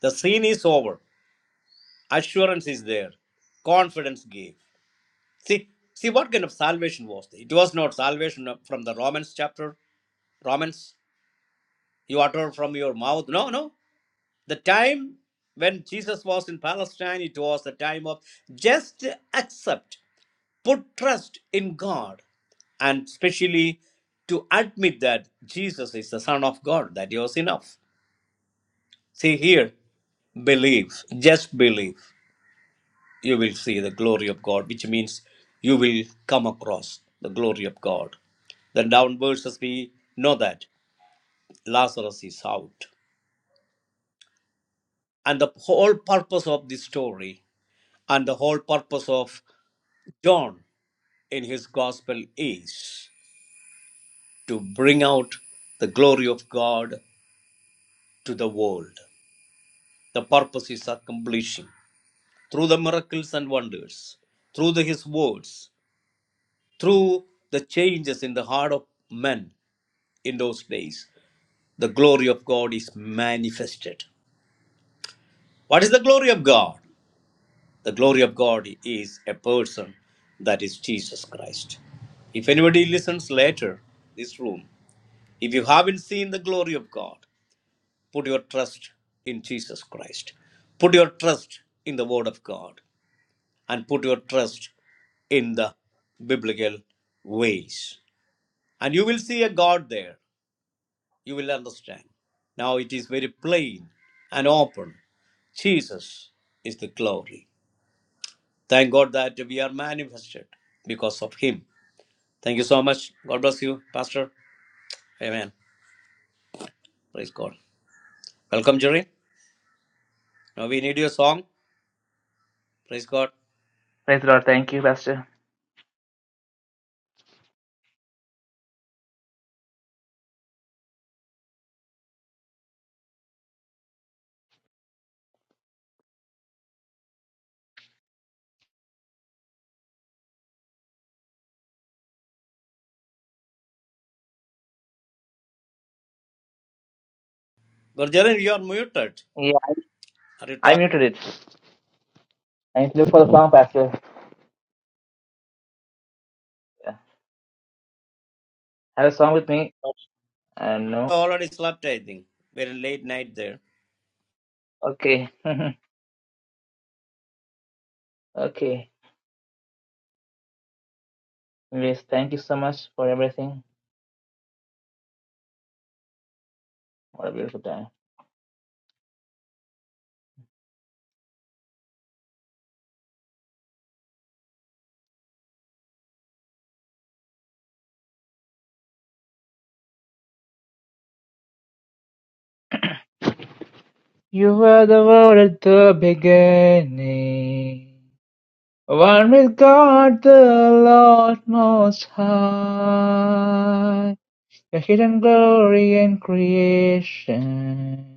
The scene is over. Assurance is there. Confidence gave. See, see what kind of salvation was there? It was not salvation from the Romans chapter, Romans, you utter from your mouth. No, no. The time when Jesus was in Palestine, it was the time of just accept. put trust in God and especially to admit that Jesus is the Son of God, that was enough. See here, believe, just believe. You will see the glory of God, which means you will come across the glory of God. Then down verses we know that Lazarus is out. And the whole purpose of this story and the whole purpose of John in his gospel is to bring out the glory of God to the world. The purpose is accomplishing through the miracles and wonders, through the, his words, through the changes in the heart of men in those days. The glory of God is manifested. What is the glory of God? The glory of God is a person that is Jesus Christ. If anybody listens later, this room, if you haven't seen the glory of God, put your trust in Jesus Christ. Put your trust in the Word of God. and put your trust in the biblical ways. And you will see a God there. You will understand. Now it is very plain and open. Jesus is the glory. Thank God that we are manifested because of Him. Thank you so much. God bless you, Pastor. Amen. Praise God. Welcome, Jerry. Now we need your song. Praise God. Praise the Lord. Thank you, Pastor. But Jerry, you are muted. Yeah, Are you I talking? muted it. I need to look for the song, Pastor. Yeah. Have a song with me? Uh, no. Already slept, I think. Very late night there. Okay. okay. Anyways, thank you so much for everything. What a beautiful time. You were the world at the beginning. One with God, the Lord Most High. Your hidden glory in creation.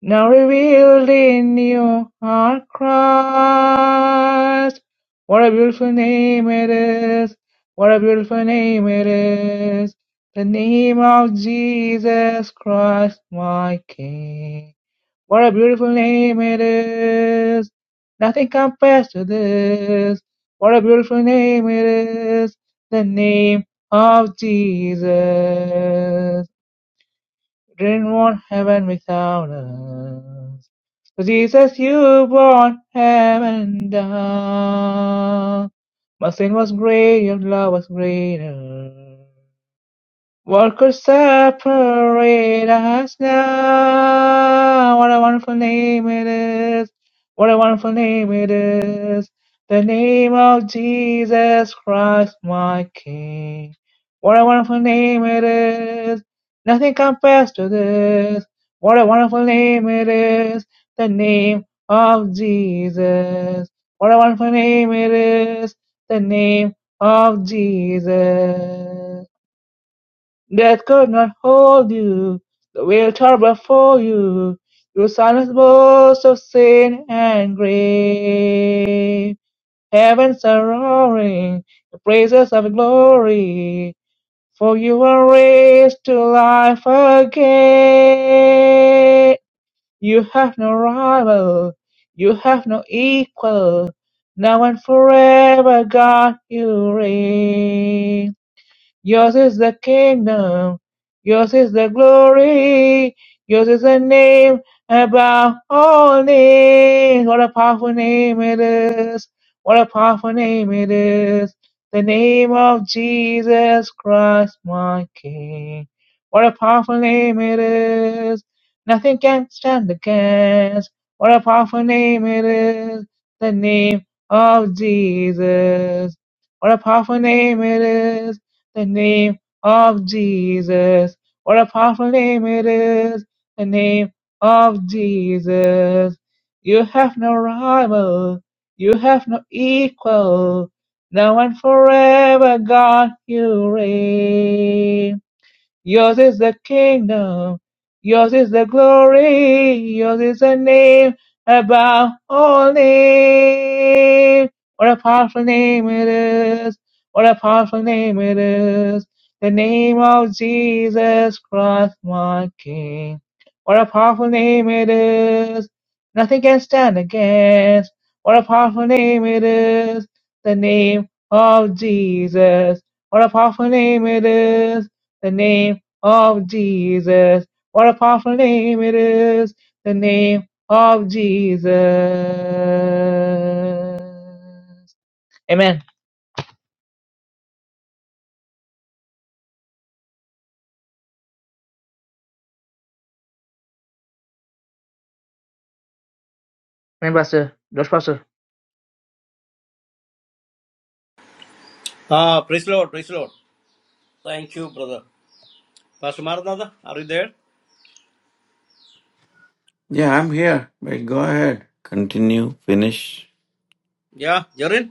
Now revealed in you are Christ. What a beautiful name it is. What a beautiful name it is. The name of Jesus Christ, my King. What a beautiful name it is. Nothing compares to this. What a beautiful name it is. The name of Jesus. Didn't want heaven without us. So Jesus, you brought heaven down. My sin was great, your love was greater. Workers separate us now. What a wonderful name it is. What a wonderful name it is. The name of Jesus Christ, my King. What a wonderful name it is. Nothing compares to this. What a wonderful name it is. The name of Jesus. What a wonderful name it is. The name of Jesus. Death could not hold you, the veil tore before you. Your silence boasts of sin and grave. Heavens are roaring, the praises of glory, for you are raised to life again. You have no rival, you have no equal. Now and forever, God, you reign. Yours is the kingdom, yours is the glory, yours is the name above all names. What a powerful name it is! What a powerful name it is! The name of Jesus Christ, my King. What a powerful name it is! Nothing can stand against. What a powerful name it is! The name of Jesus. What a powerful name it is! the name of Jesus. What a powerful name it is, the name of Jesus. You have no rival, you have no equal. Now and forever, God, you reign. Yours is the kingdom. Yours is the glory. Yours is the name above all names. What a powerful name it is. What a powerful name it is. The name of Jesus Christ, my King. What a powerful name it is. Nothing can stand against. What a powerful name it is. The name of Jesus. What a powerful name it is the name of Jesus. What a powerful name it is, the name of Jesus. Amen. Amen, Pastor. Josh, Pastor. Ah, praise Lord, praise Lord. Thank you, brother. Pastor Maranatha, are you there? Yeah, I'm here. But go ahead. Continue. Finish. Yeah, Jarin,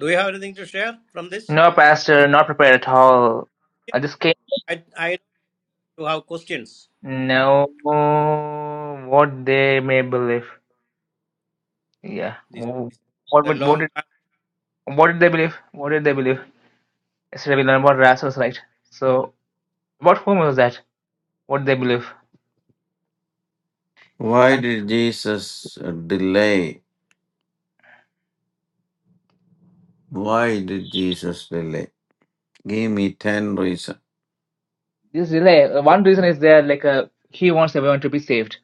do you have anything to share from this? No, Pastor, not prepared at all. I just came. I, I do have questions. No, what they may believe. Yeah. This is What a would, what long did, time. what did they believe? What did they believe? Yesterday we learned about Lazarus, right? So, about whom was that? What did they believe? Why did Jesus delay? Why did Jesus delay? Give me 10 reasons. This delay, uh, one reason is there, like, uh, he wants everyone to be saved.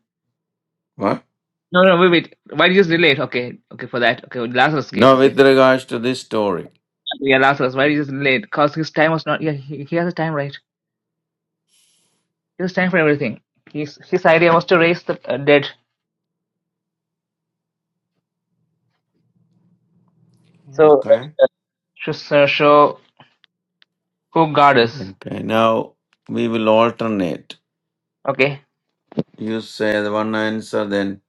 What? No, no, wait, wait. Why did you just delay it? Okay, okay, for that. Okay, Lazarus case, No, okay. with regards to this story. Yeah, Lazarus, why did you just delay it? Because his time was not, yeah, he, he has a time, right? He has time for everything. His, his idea was to raise the uh, dead. So, uh, Okay. to uh, show who God is. Okay, now we will alternate. Okay. You say the one answer, then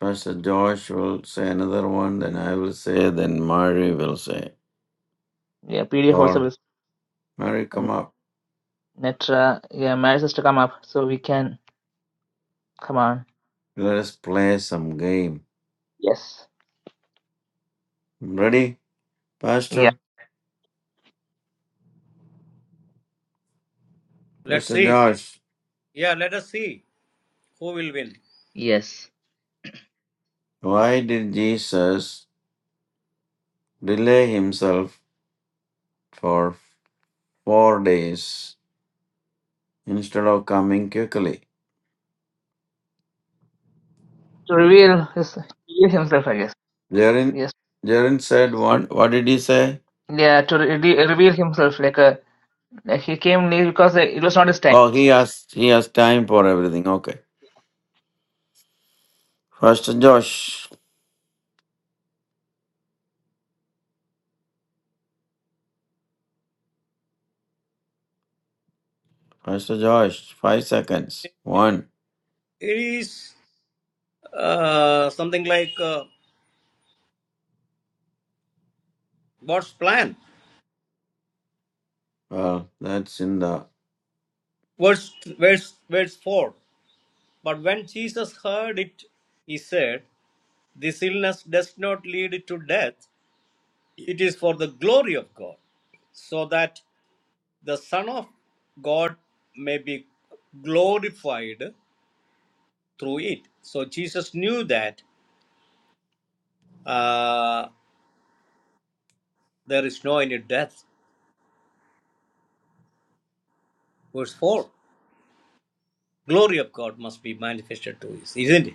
Pastor Josh will say another one, then I will say, then Mary will say. Yeah, PDF also Or is. Mary, And come up. Netra, yeah, Maris has to come up so we can, come on. Let us play some game. Yes. Ready, Yeah. Pastor? Let's Pastor see. Josh, Yeah, let us see who will win. Yes. why did Jesus delay himself for four days instead of coming quickly? To reveal his, reveal himself, I guess. Jarin, Yes. Jarin said one. What did he say? Yeah, to re- reveal himself, like uh, he came near because uh, it was not his time. Oh, he has he has time for everything. Okay. First Josh. First Josh. Five seconds. One. It is uh, something like uh, God's plan. Well, that's in the. Verse, verse, verse 4. But when Jesus heard it, he said, This illness does not lead to death, it is for the glory of God so that." the Son of God may be glorified through it. So Jesus knew that uh, there is no any death. Verse 4 Glory of God must be manifested to us, isn't it?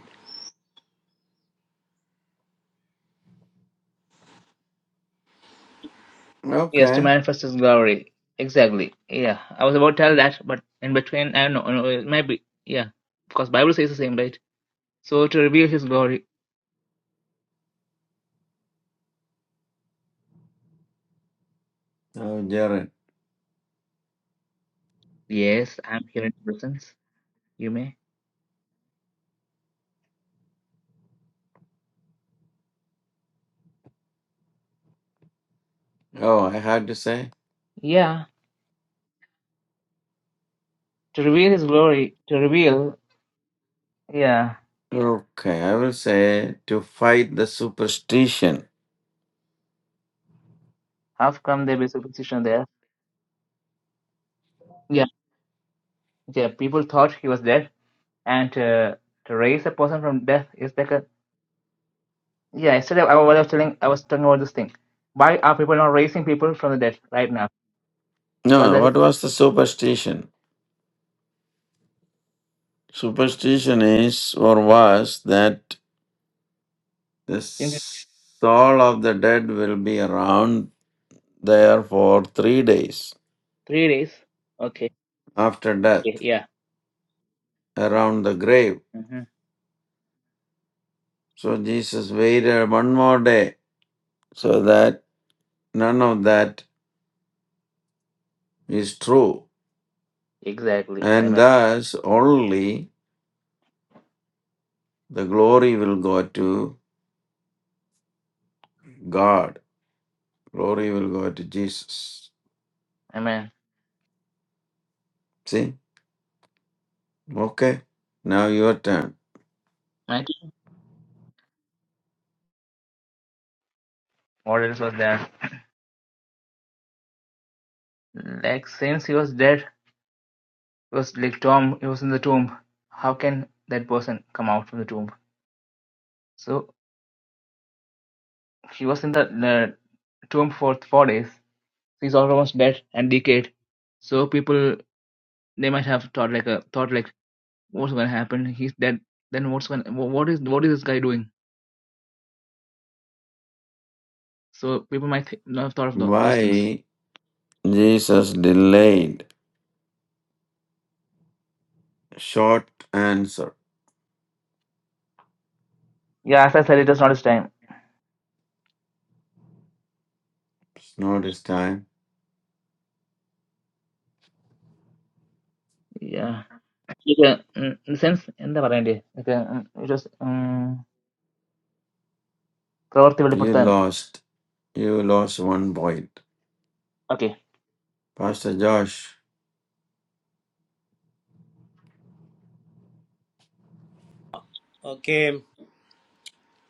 Yes, to Okay. manifest his glory. Exactly. Yeah, I was about to tell that, but in between, I don't know. no, It might be. Yeah, because Bible says the same, right? So to reveal his glory. Now, Jared. Yes, I'm here in presence. You may. Oh, I had to say? Yeah, to reveal his glory. To reveal. Yeah, Okay, I will say to fight the superstition. how come there be superstition there? Yeah, yeah. People thought he was dead, and uh, to raise a person from death is like a Yeah, yesterday I was telling I was talking about this thing. Why are people not raising people from the dead right now? So No, that what was the superstition? Superstition is or was that the since it's soul of the dead will be around there for three days three days. Okay. after death, Yeah. yeah. around the grave. hmm So Jesus waited one more day so that None of that is true. Exactly. And Amen. thus only the glory will go to God. Glory will go to Jesus. Amen. See? Okay. Now your turn. Right? What else was there. Like since he was dead, he was like Tom. He was in the tomb. How can that person come out from the tomb? So he was in the, the tomb for four days. He's almost dead and decayed. So people they might have thought like a thought like what's gonna happen he's dead then what's gonna what is what is this guy doing so people might th- not have thought of tho- those things Why Jesus delayed? Short answer. yeah as i said it is not his time It's not his time. yeah like, uh, in a sense എന്താ പറയണ്ടേ like, uh, it was um, You വെളിപ്പെടുത്താൻ lost. You lost one point. okay Pastor Josh. Okay,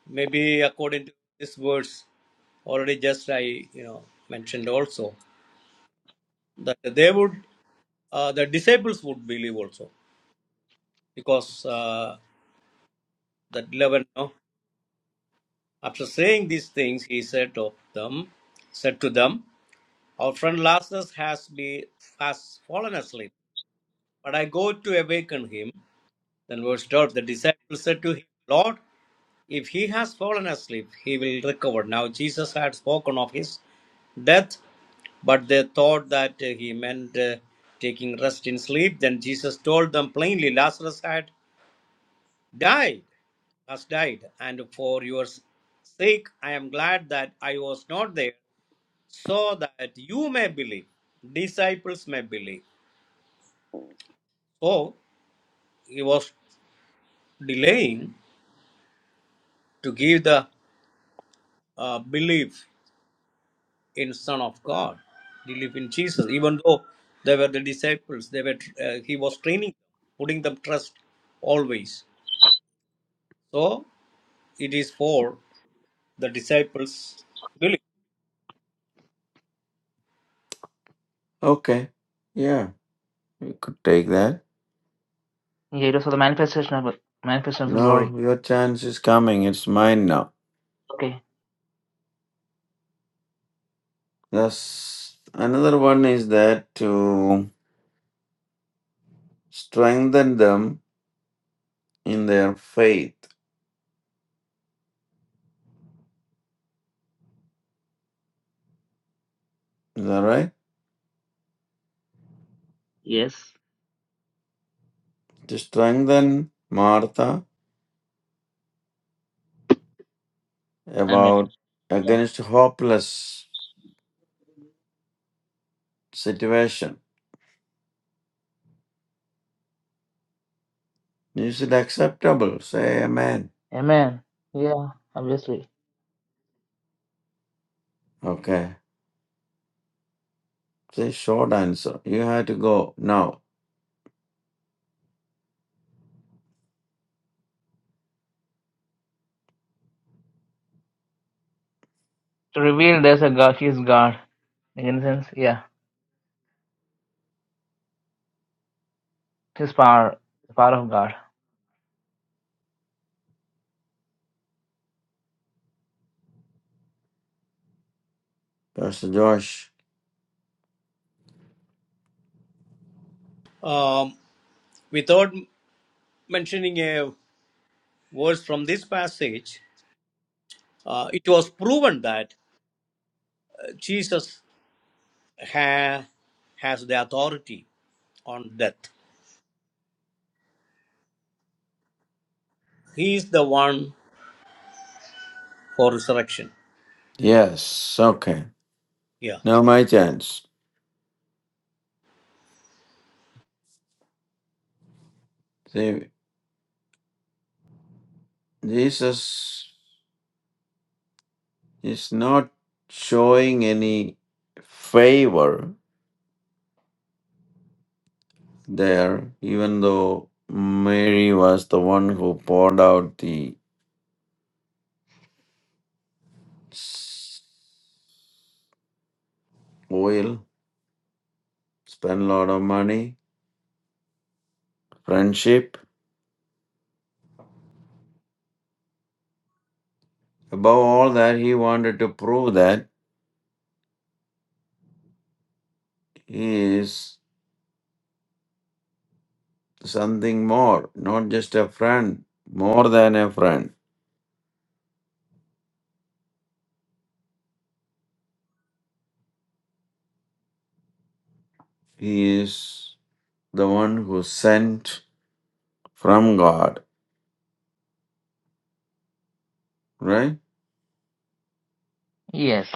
maybe according to this verse, already just I you know mentioned also that they would uh, the disciples would believe also because uh, that eleven no, after saying these things he said of them said to them Our friend Lazarus has be has fallen asleep, but I go to awaken him. Then verse 12, the disciples said to him, Lord, if he has fallen asleep, he will recover. Now Jesus had spoken of his death, but they thought that uh, he meant uh, taking rest in sleep. Then Jesus told them plainly, Lazarus had died, has died, and for your sake I am glad that I was not there, so that you may believe, disciples may believe. So he was delaying to give the uh, belief in Son of God, belief in Jesus. Even though they were the disciples, they were uh, he was training, putting them trust always. So it is for the disciples' belief. Okay. Yeah. You could take that. yeah it was for the manifestation of manifestation of glory No, your chance is coming. It's mine now. okay Yes. Another one is that to strengthen them in their faith. Is that right? yes To strengthen Martha amen about yeah against hopeless situation. Is it acceptable? Say amen. amen yeah obviously Okay. Say short answer. You have to go now. to reveal there's a God he is God in a sense yeah his power the power of God Pastor Josh. Um, without mentioning a verse from this passage, uh, it was proven that uh, Jesus ha- has the authority on death. He is the one for resurrection. Yes. Okay. Yeah. Now my chance. See, Jesus is not showing any favor there, even though Mary was the one who poured out the s- oil, spent a lot of money, friendship. Above all that, he wanted to prove that he is something more, not just a friend, more than a friend. He is the one who sent from God, right? yes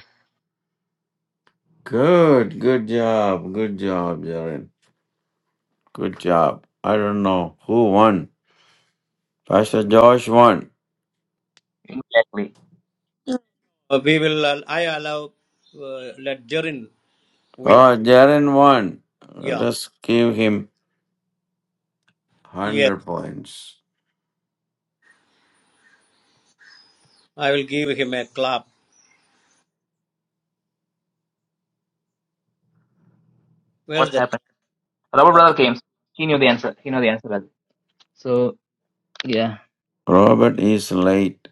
Good, good job, good job, Jaren. Good job. I don't know who won Pastor Josh won. exactly Uh, we will, al- I allow, uh, let Jerin win. Oh, Jaren won. Let Yeah. us give him Yes. 100 points. I will give him a clap. what Where's that? happened Robert clap? Okay. brother came. He knew the answer. He knew the answer. well. So yeah, Robert is late.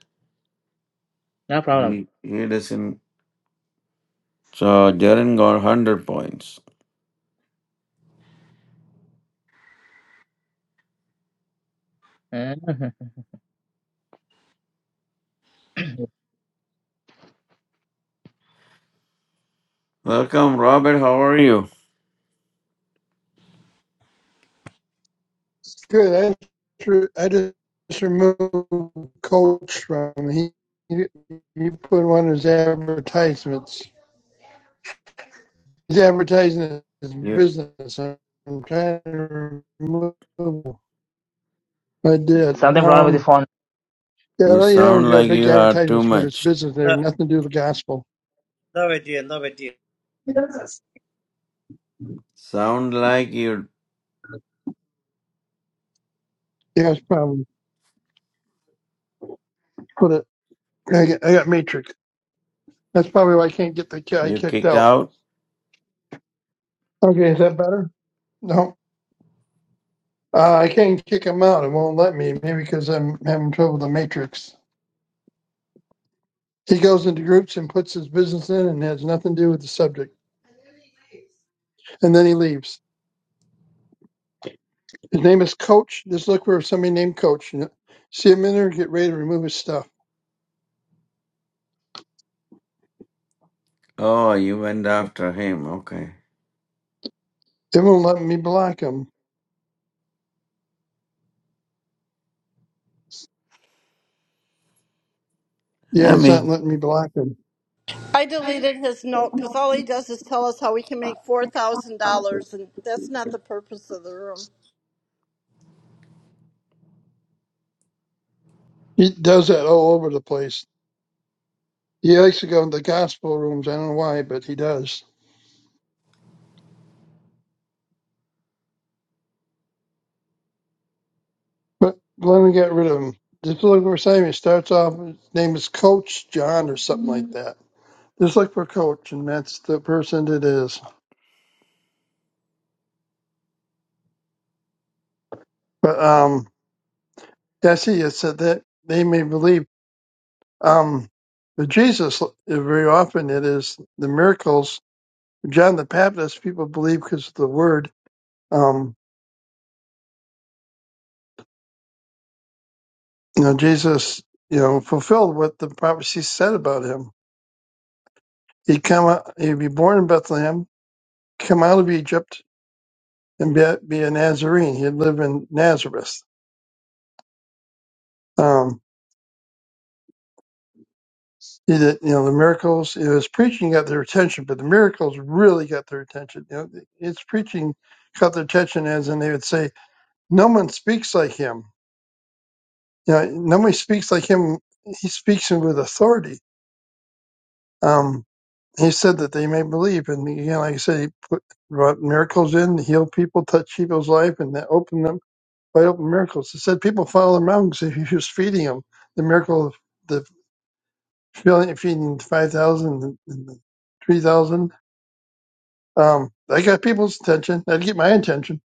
no problem. He, he doesn't. So Jaren got 100 points. Welcome, Robert. How are you? It's good. I just I just removed Coach from he he he put one of his advertisements. He's advertising his You business. I'm trying to remove. I did. something problem with the Um, phone. yeah, you well, you know he's sound got like big you had too advertisements for this much. business there. The, Nothing to do with the gospel. the idea, the idea. Sound like you Yeah, that's probably put it. I got, I got Matrix. That's probably why I can't get the guy you kicked kicked out. out? Okay, is that better? No. Uh, I can't kick him out. It won't let me. Maybe because I'm having trouble with the matrix. He goes into groups and puts his business in and has nothing to do with the subject. And then he leaves. His name is Coach. Just look for somebody named Coach. See him in there and get ready to remove his stuff. Oh, you went after him. Okay. It won't let me block him. Yeah, I it's mean. not letting me block him. I deleted his note because all he does is tell us how we can make four thousand dollars, and that's not the purpose of the room. He does that all over the place. He likes to go in the gospel rooms. I don't know why, but he does. But Glenn got rid of him. Just look for Sam. He starts off, his name is Coach John or something like that. Just look for Coach, and that's the person that is. But um, yeah, see, it said that they may believe. Um, but Jesus, uh, very often, it is the miracles. John the Baptist, people believe because of the word. Um, you know, Jesus, you know, fulfilled what the prophecy said about him. He'd come, out, he'd be born in Bethlehem, come out of Egypt, and be, be a Nazarene. He'd live in Nazareth. Um, he did, you know, the miracles. You know, his preaching got their attention, but the miracles really got their attention. You know, his preaching caught their attention, as and they would say, "No one speaks like him. You know, nobody speaks like him. He speaks with authority." Um, he said that they may believe, and you know, like I said, he put brought miracles in, healed people, touched people's life, and that opened them wide open miracles. He said people follow the mountains. He was feeding them. The miracle of the feeling feeding five thousand and three thousand. Um, I got people's attention. That'd get my attention.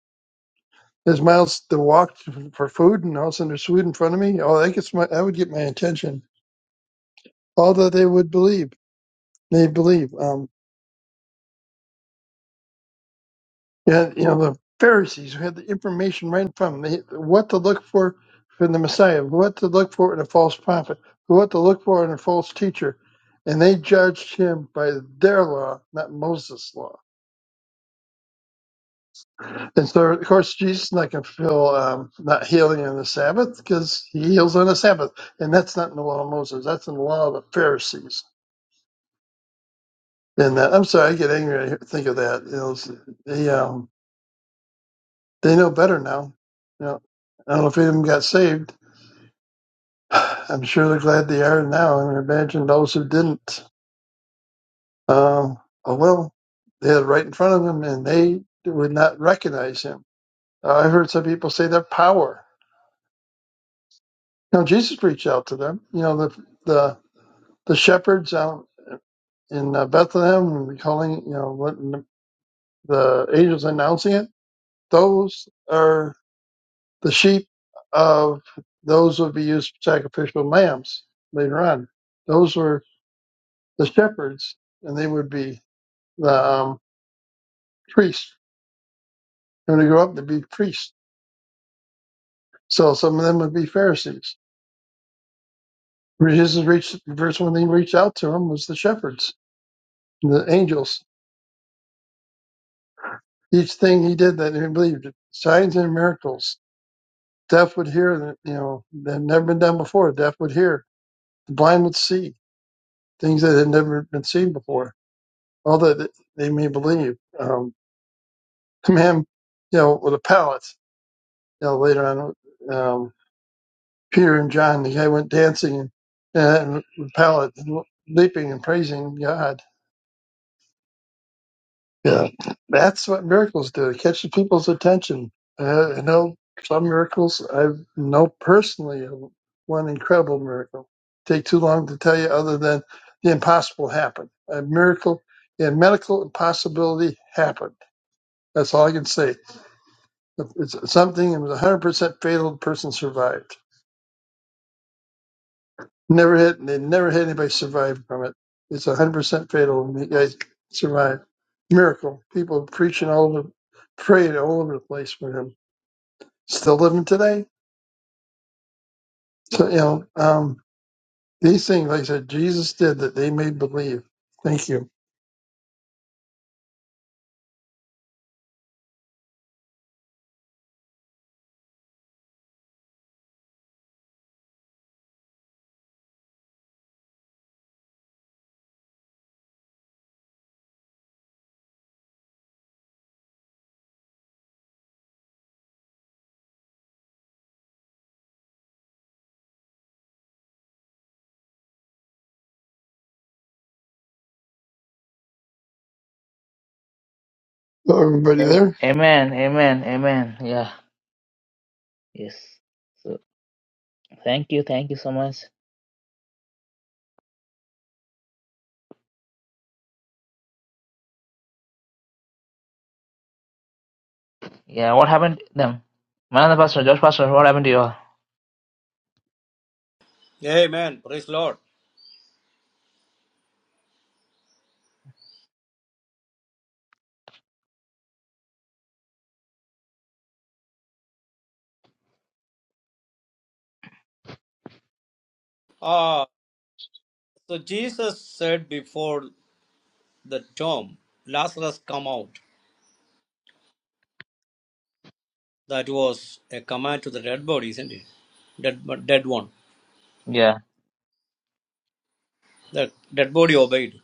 There's miles to walk to, for food, and all of a sudden there's food in front of me. Oh, that gets my that would get my attention. All that they would believe, they believe. Um, yeah, you know the Pharisees who had the information right in front of them, they, what to look for from the Messiah, what to look for in a false prophet, what to look for in a false teacher, and they judged him by their law, not Moses' law And so, of course, Jesus not going to fulfill um, not healing on the Sabbath because he heals on the Sabbath. And that's not in the law of Moses. That's in the law of the Pharisees. And uh, I'm sorry, I get angry when I think of that. You know, it's- they, um, they know better now. You know, I don't know if any of them got saved. I'm sure they're glad they are now. And I imagine those who didn't, um, oh, well, they had it right in front of them and they would not recognize him. Uh, I heard some people say their power. Now, Jesus reached out to them. You know, the, the the shepherds out in uh, Bethlehem and calling, you know, what the angels announcing it, those are the sheep of those would be used for sacrificial lambs later on. Those were the shepherds, and they would be the um, priests. And when they grew up, they'd be priests. So some of them would be Pharisees. Jesus reached, the first one They reached out to him was the shepherds, the angels. Each thing he did that he believed, signs and miracles deaf would hear you know that had never been done before. deaf would hear, the blind would see things that had never been seen before. All that they may believe. Um, him, you know, with a pallet. You know, later on, um, Peter and John, the guy went dancing and, and with a pallet, leaping and praising God Yeah, that's what miracles do. It catches people's attention. Uh, I know some miracles. I know personally one incredible miracle. Take too long to tell you, other than the impossible happened. A miracle, a medical impossibility happened. That's all I can say. It's something that was 100% fatal. The person survived. Never hit. They never had anybody survive from it. It's one hundred percent fatal, and the guys survived. Miracle. People preaching all over, prayed all over the place for him. Still living today. So you know um, these things, like I said, Jesus did that they may believe. Thank you. Hello, everybody Am- there. Amen. Amen. Amen. Yeah. Yes. So thank you. Thank you so much. Yeah. What happened to them? Man of the pastor, Josh pastor. What happened to you all? Amen. Praise Lord. Ah, so Jesus said before the tomb, Lazarus come out. That was a command to the dead body, isn't it? Dead, dead one. Yeah. The dead body obeyed.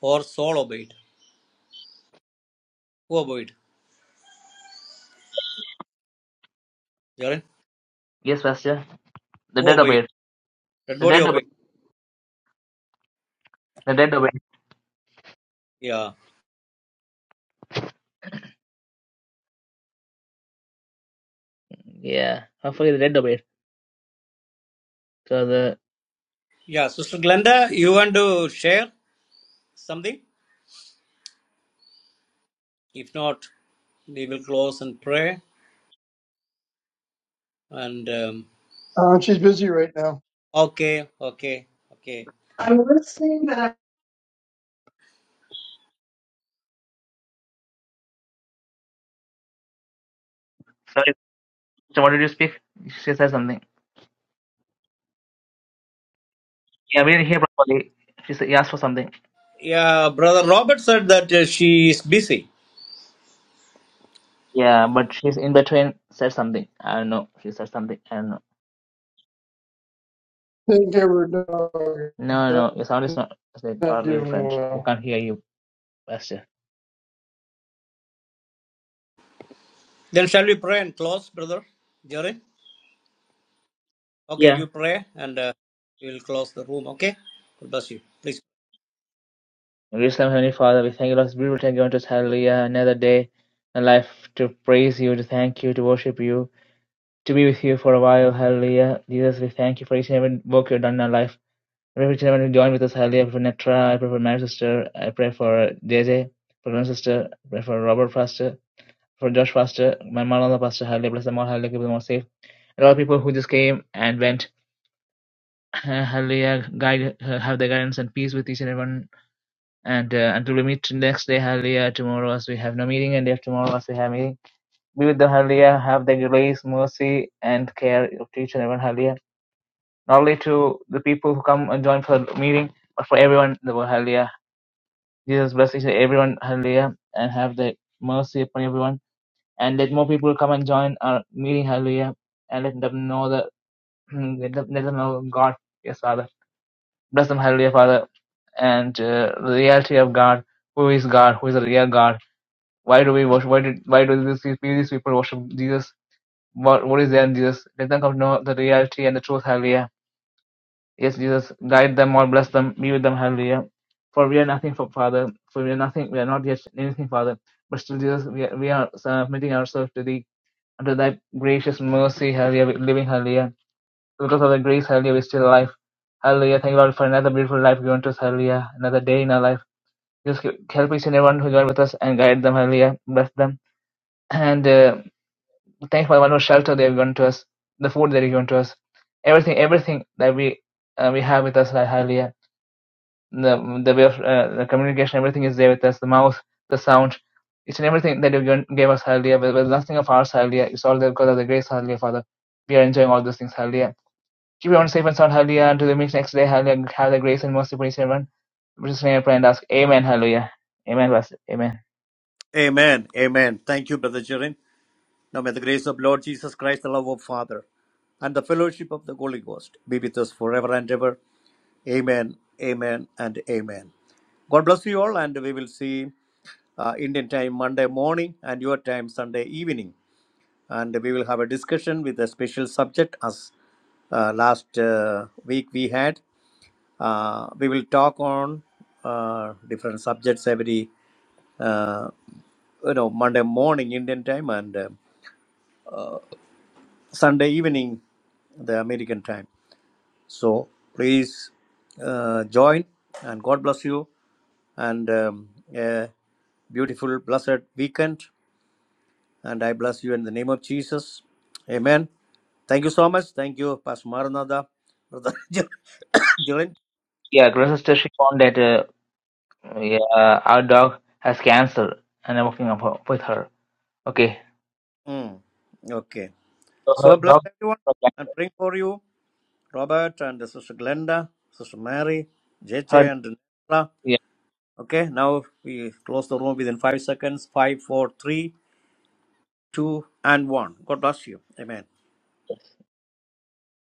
Or soul obeyed. Who obeyed? Jerin? Yes, pastor. The Who dead obeyed? obeyed. Dead The body dead obeyed. obeyed. The dead obeyed. Yeah. Yeah. Hopefully the dead obeyed. Because uh, Yeah, Sister Glenda, you want to share something? If not, we will close and pray. And um, Uh, she's busy right now. okay, okay, okay. I'm listening, but I sorry. So what did you speak? She said something. Yeah, we didn't hear properly. She said, he asked for something. Yeah, Brother Robert said that uh, she is busy. Yeah, but she's in between said something. I don't know. She said something. I don't know. think her dog is No, not no, your sound is not it's like not totally doing different. We well. can't hear you, Pastor. Then shall we pray and close, Brother Jerry? Okay, Yeah. you pray and uh, we will close the room, okay? God bless you. Please. Gracious and Heavenly Father, we thank you, Lord, we will thank you unto us, hallelujah, another day in life to praise you, to thank you, to worship you, to be with you for a while, hallelujah. Jesus, we thank you for each and every work you've done in our life. I pray for each and everyone who joined with us, hallelujah. I pray for Netra, I pray for my sister, I pray for JJ, for my sister, I pray for Robert Pastor. for Josh Foster, when Maranatha Pastor, hallelujah, bless them all, hallelujah, keep them all safe. And all people who just came and went, uh, hallelujah, guide, uh, have their guidance and peace with each and everyone. And uh, until we meet next day, hallelujah, tomorrow as we have no meeting, and day after tomorrow as we have meeting, be with them, hallelujah, have their grace, mercy, and care of each and everyone, hallelujah. Not only to the people who come and join for the meeting, but for everyone in the world, hallelujah. Jesus bless each and everyone, hallelujah, and have the mercy upon everyone and let more people come and join our meeting. Hallelujah. And let them know the let them, let them know God. Yes, Father. Bless them. Hallelujah, Father. And uh, the reality of God. Who is God? Who is the real God? Why do we worship? Why did why do these people these people worship Jesus? What what is there in Jesus? Let them come to know the reality and the truth. Hallelujah. Yes, Jesus, guide them all, bless them, be with them. Hallelujah. For we are nothing, for Father. For we are nothing. We are not yet anything, Father. But still, Jesus, we are, we are submitting ourselves to Thee Unto thy gracious mercy, hallelujah, living, hallelujah. Because of thy grace, hallelujah, we're still alive. Hallelujah. Thank you, Lord, for another beautiful life given to us, hallelujah. Another day in our life. Just help each and everyone who joined with us and guide them, hallelujah. Bless them. And uh, thank you for the wonderful shelter they have given to us, the food they have given to us. Everything, everything that we uh, we have with us, hallelujah the the way of uh, the communication, everything is there with us. The mouth, the sound, each and everything that you given- gave us, Hallelujah. With, with nothing of ours, Hallelujah. It's all there because of the grace, Hallelujah, Father. We are enjoying all those things, Hallelujah. Keep everyone safe and sound, Hallelujah. Until the meet next day, Hallelujah. Have the grace and mercy for each and everyone. We just name and pray and ask, Amen, Hallelujah. Amen, Pastor. Amen. Amen. Amen. Thank you, Brother Jirin. Now may the grace of Lord Jesus Christ, the love of Father, and the fellowship of the Holy Ghost be with us forever and ever. Amen, amen, and amen. God bless you all, and we will see uh, Indian time Monday morning and your time Sunday evening. And we will have a discussion with a special subject as uh, last uh, week we had. Uh, we will talk on uh, different subjects every uh, you know Monday morning Indian time and uh, Sunday evening the American time. So please uh, join and God bless you. and um, a beautiful, blessed weekend. And I bless you in the name of Jesus. Amen. Thank you so much. Thank you, Pastor Maranatha, Brother Dylan. Yeah, it sister, she found that uh, yeah, our dog has cancer, and I'm working up her- with her. Okay. Mm. Okay. So her So bless dog, everyone and praying for you, Robert and Sister Glenda, Sister Mary, her, JJ and Nella. Okay, now we close the room within five seconds. Five, four, three, two, and one. God bless you. Amen.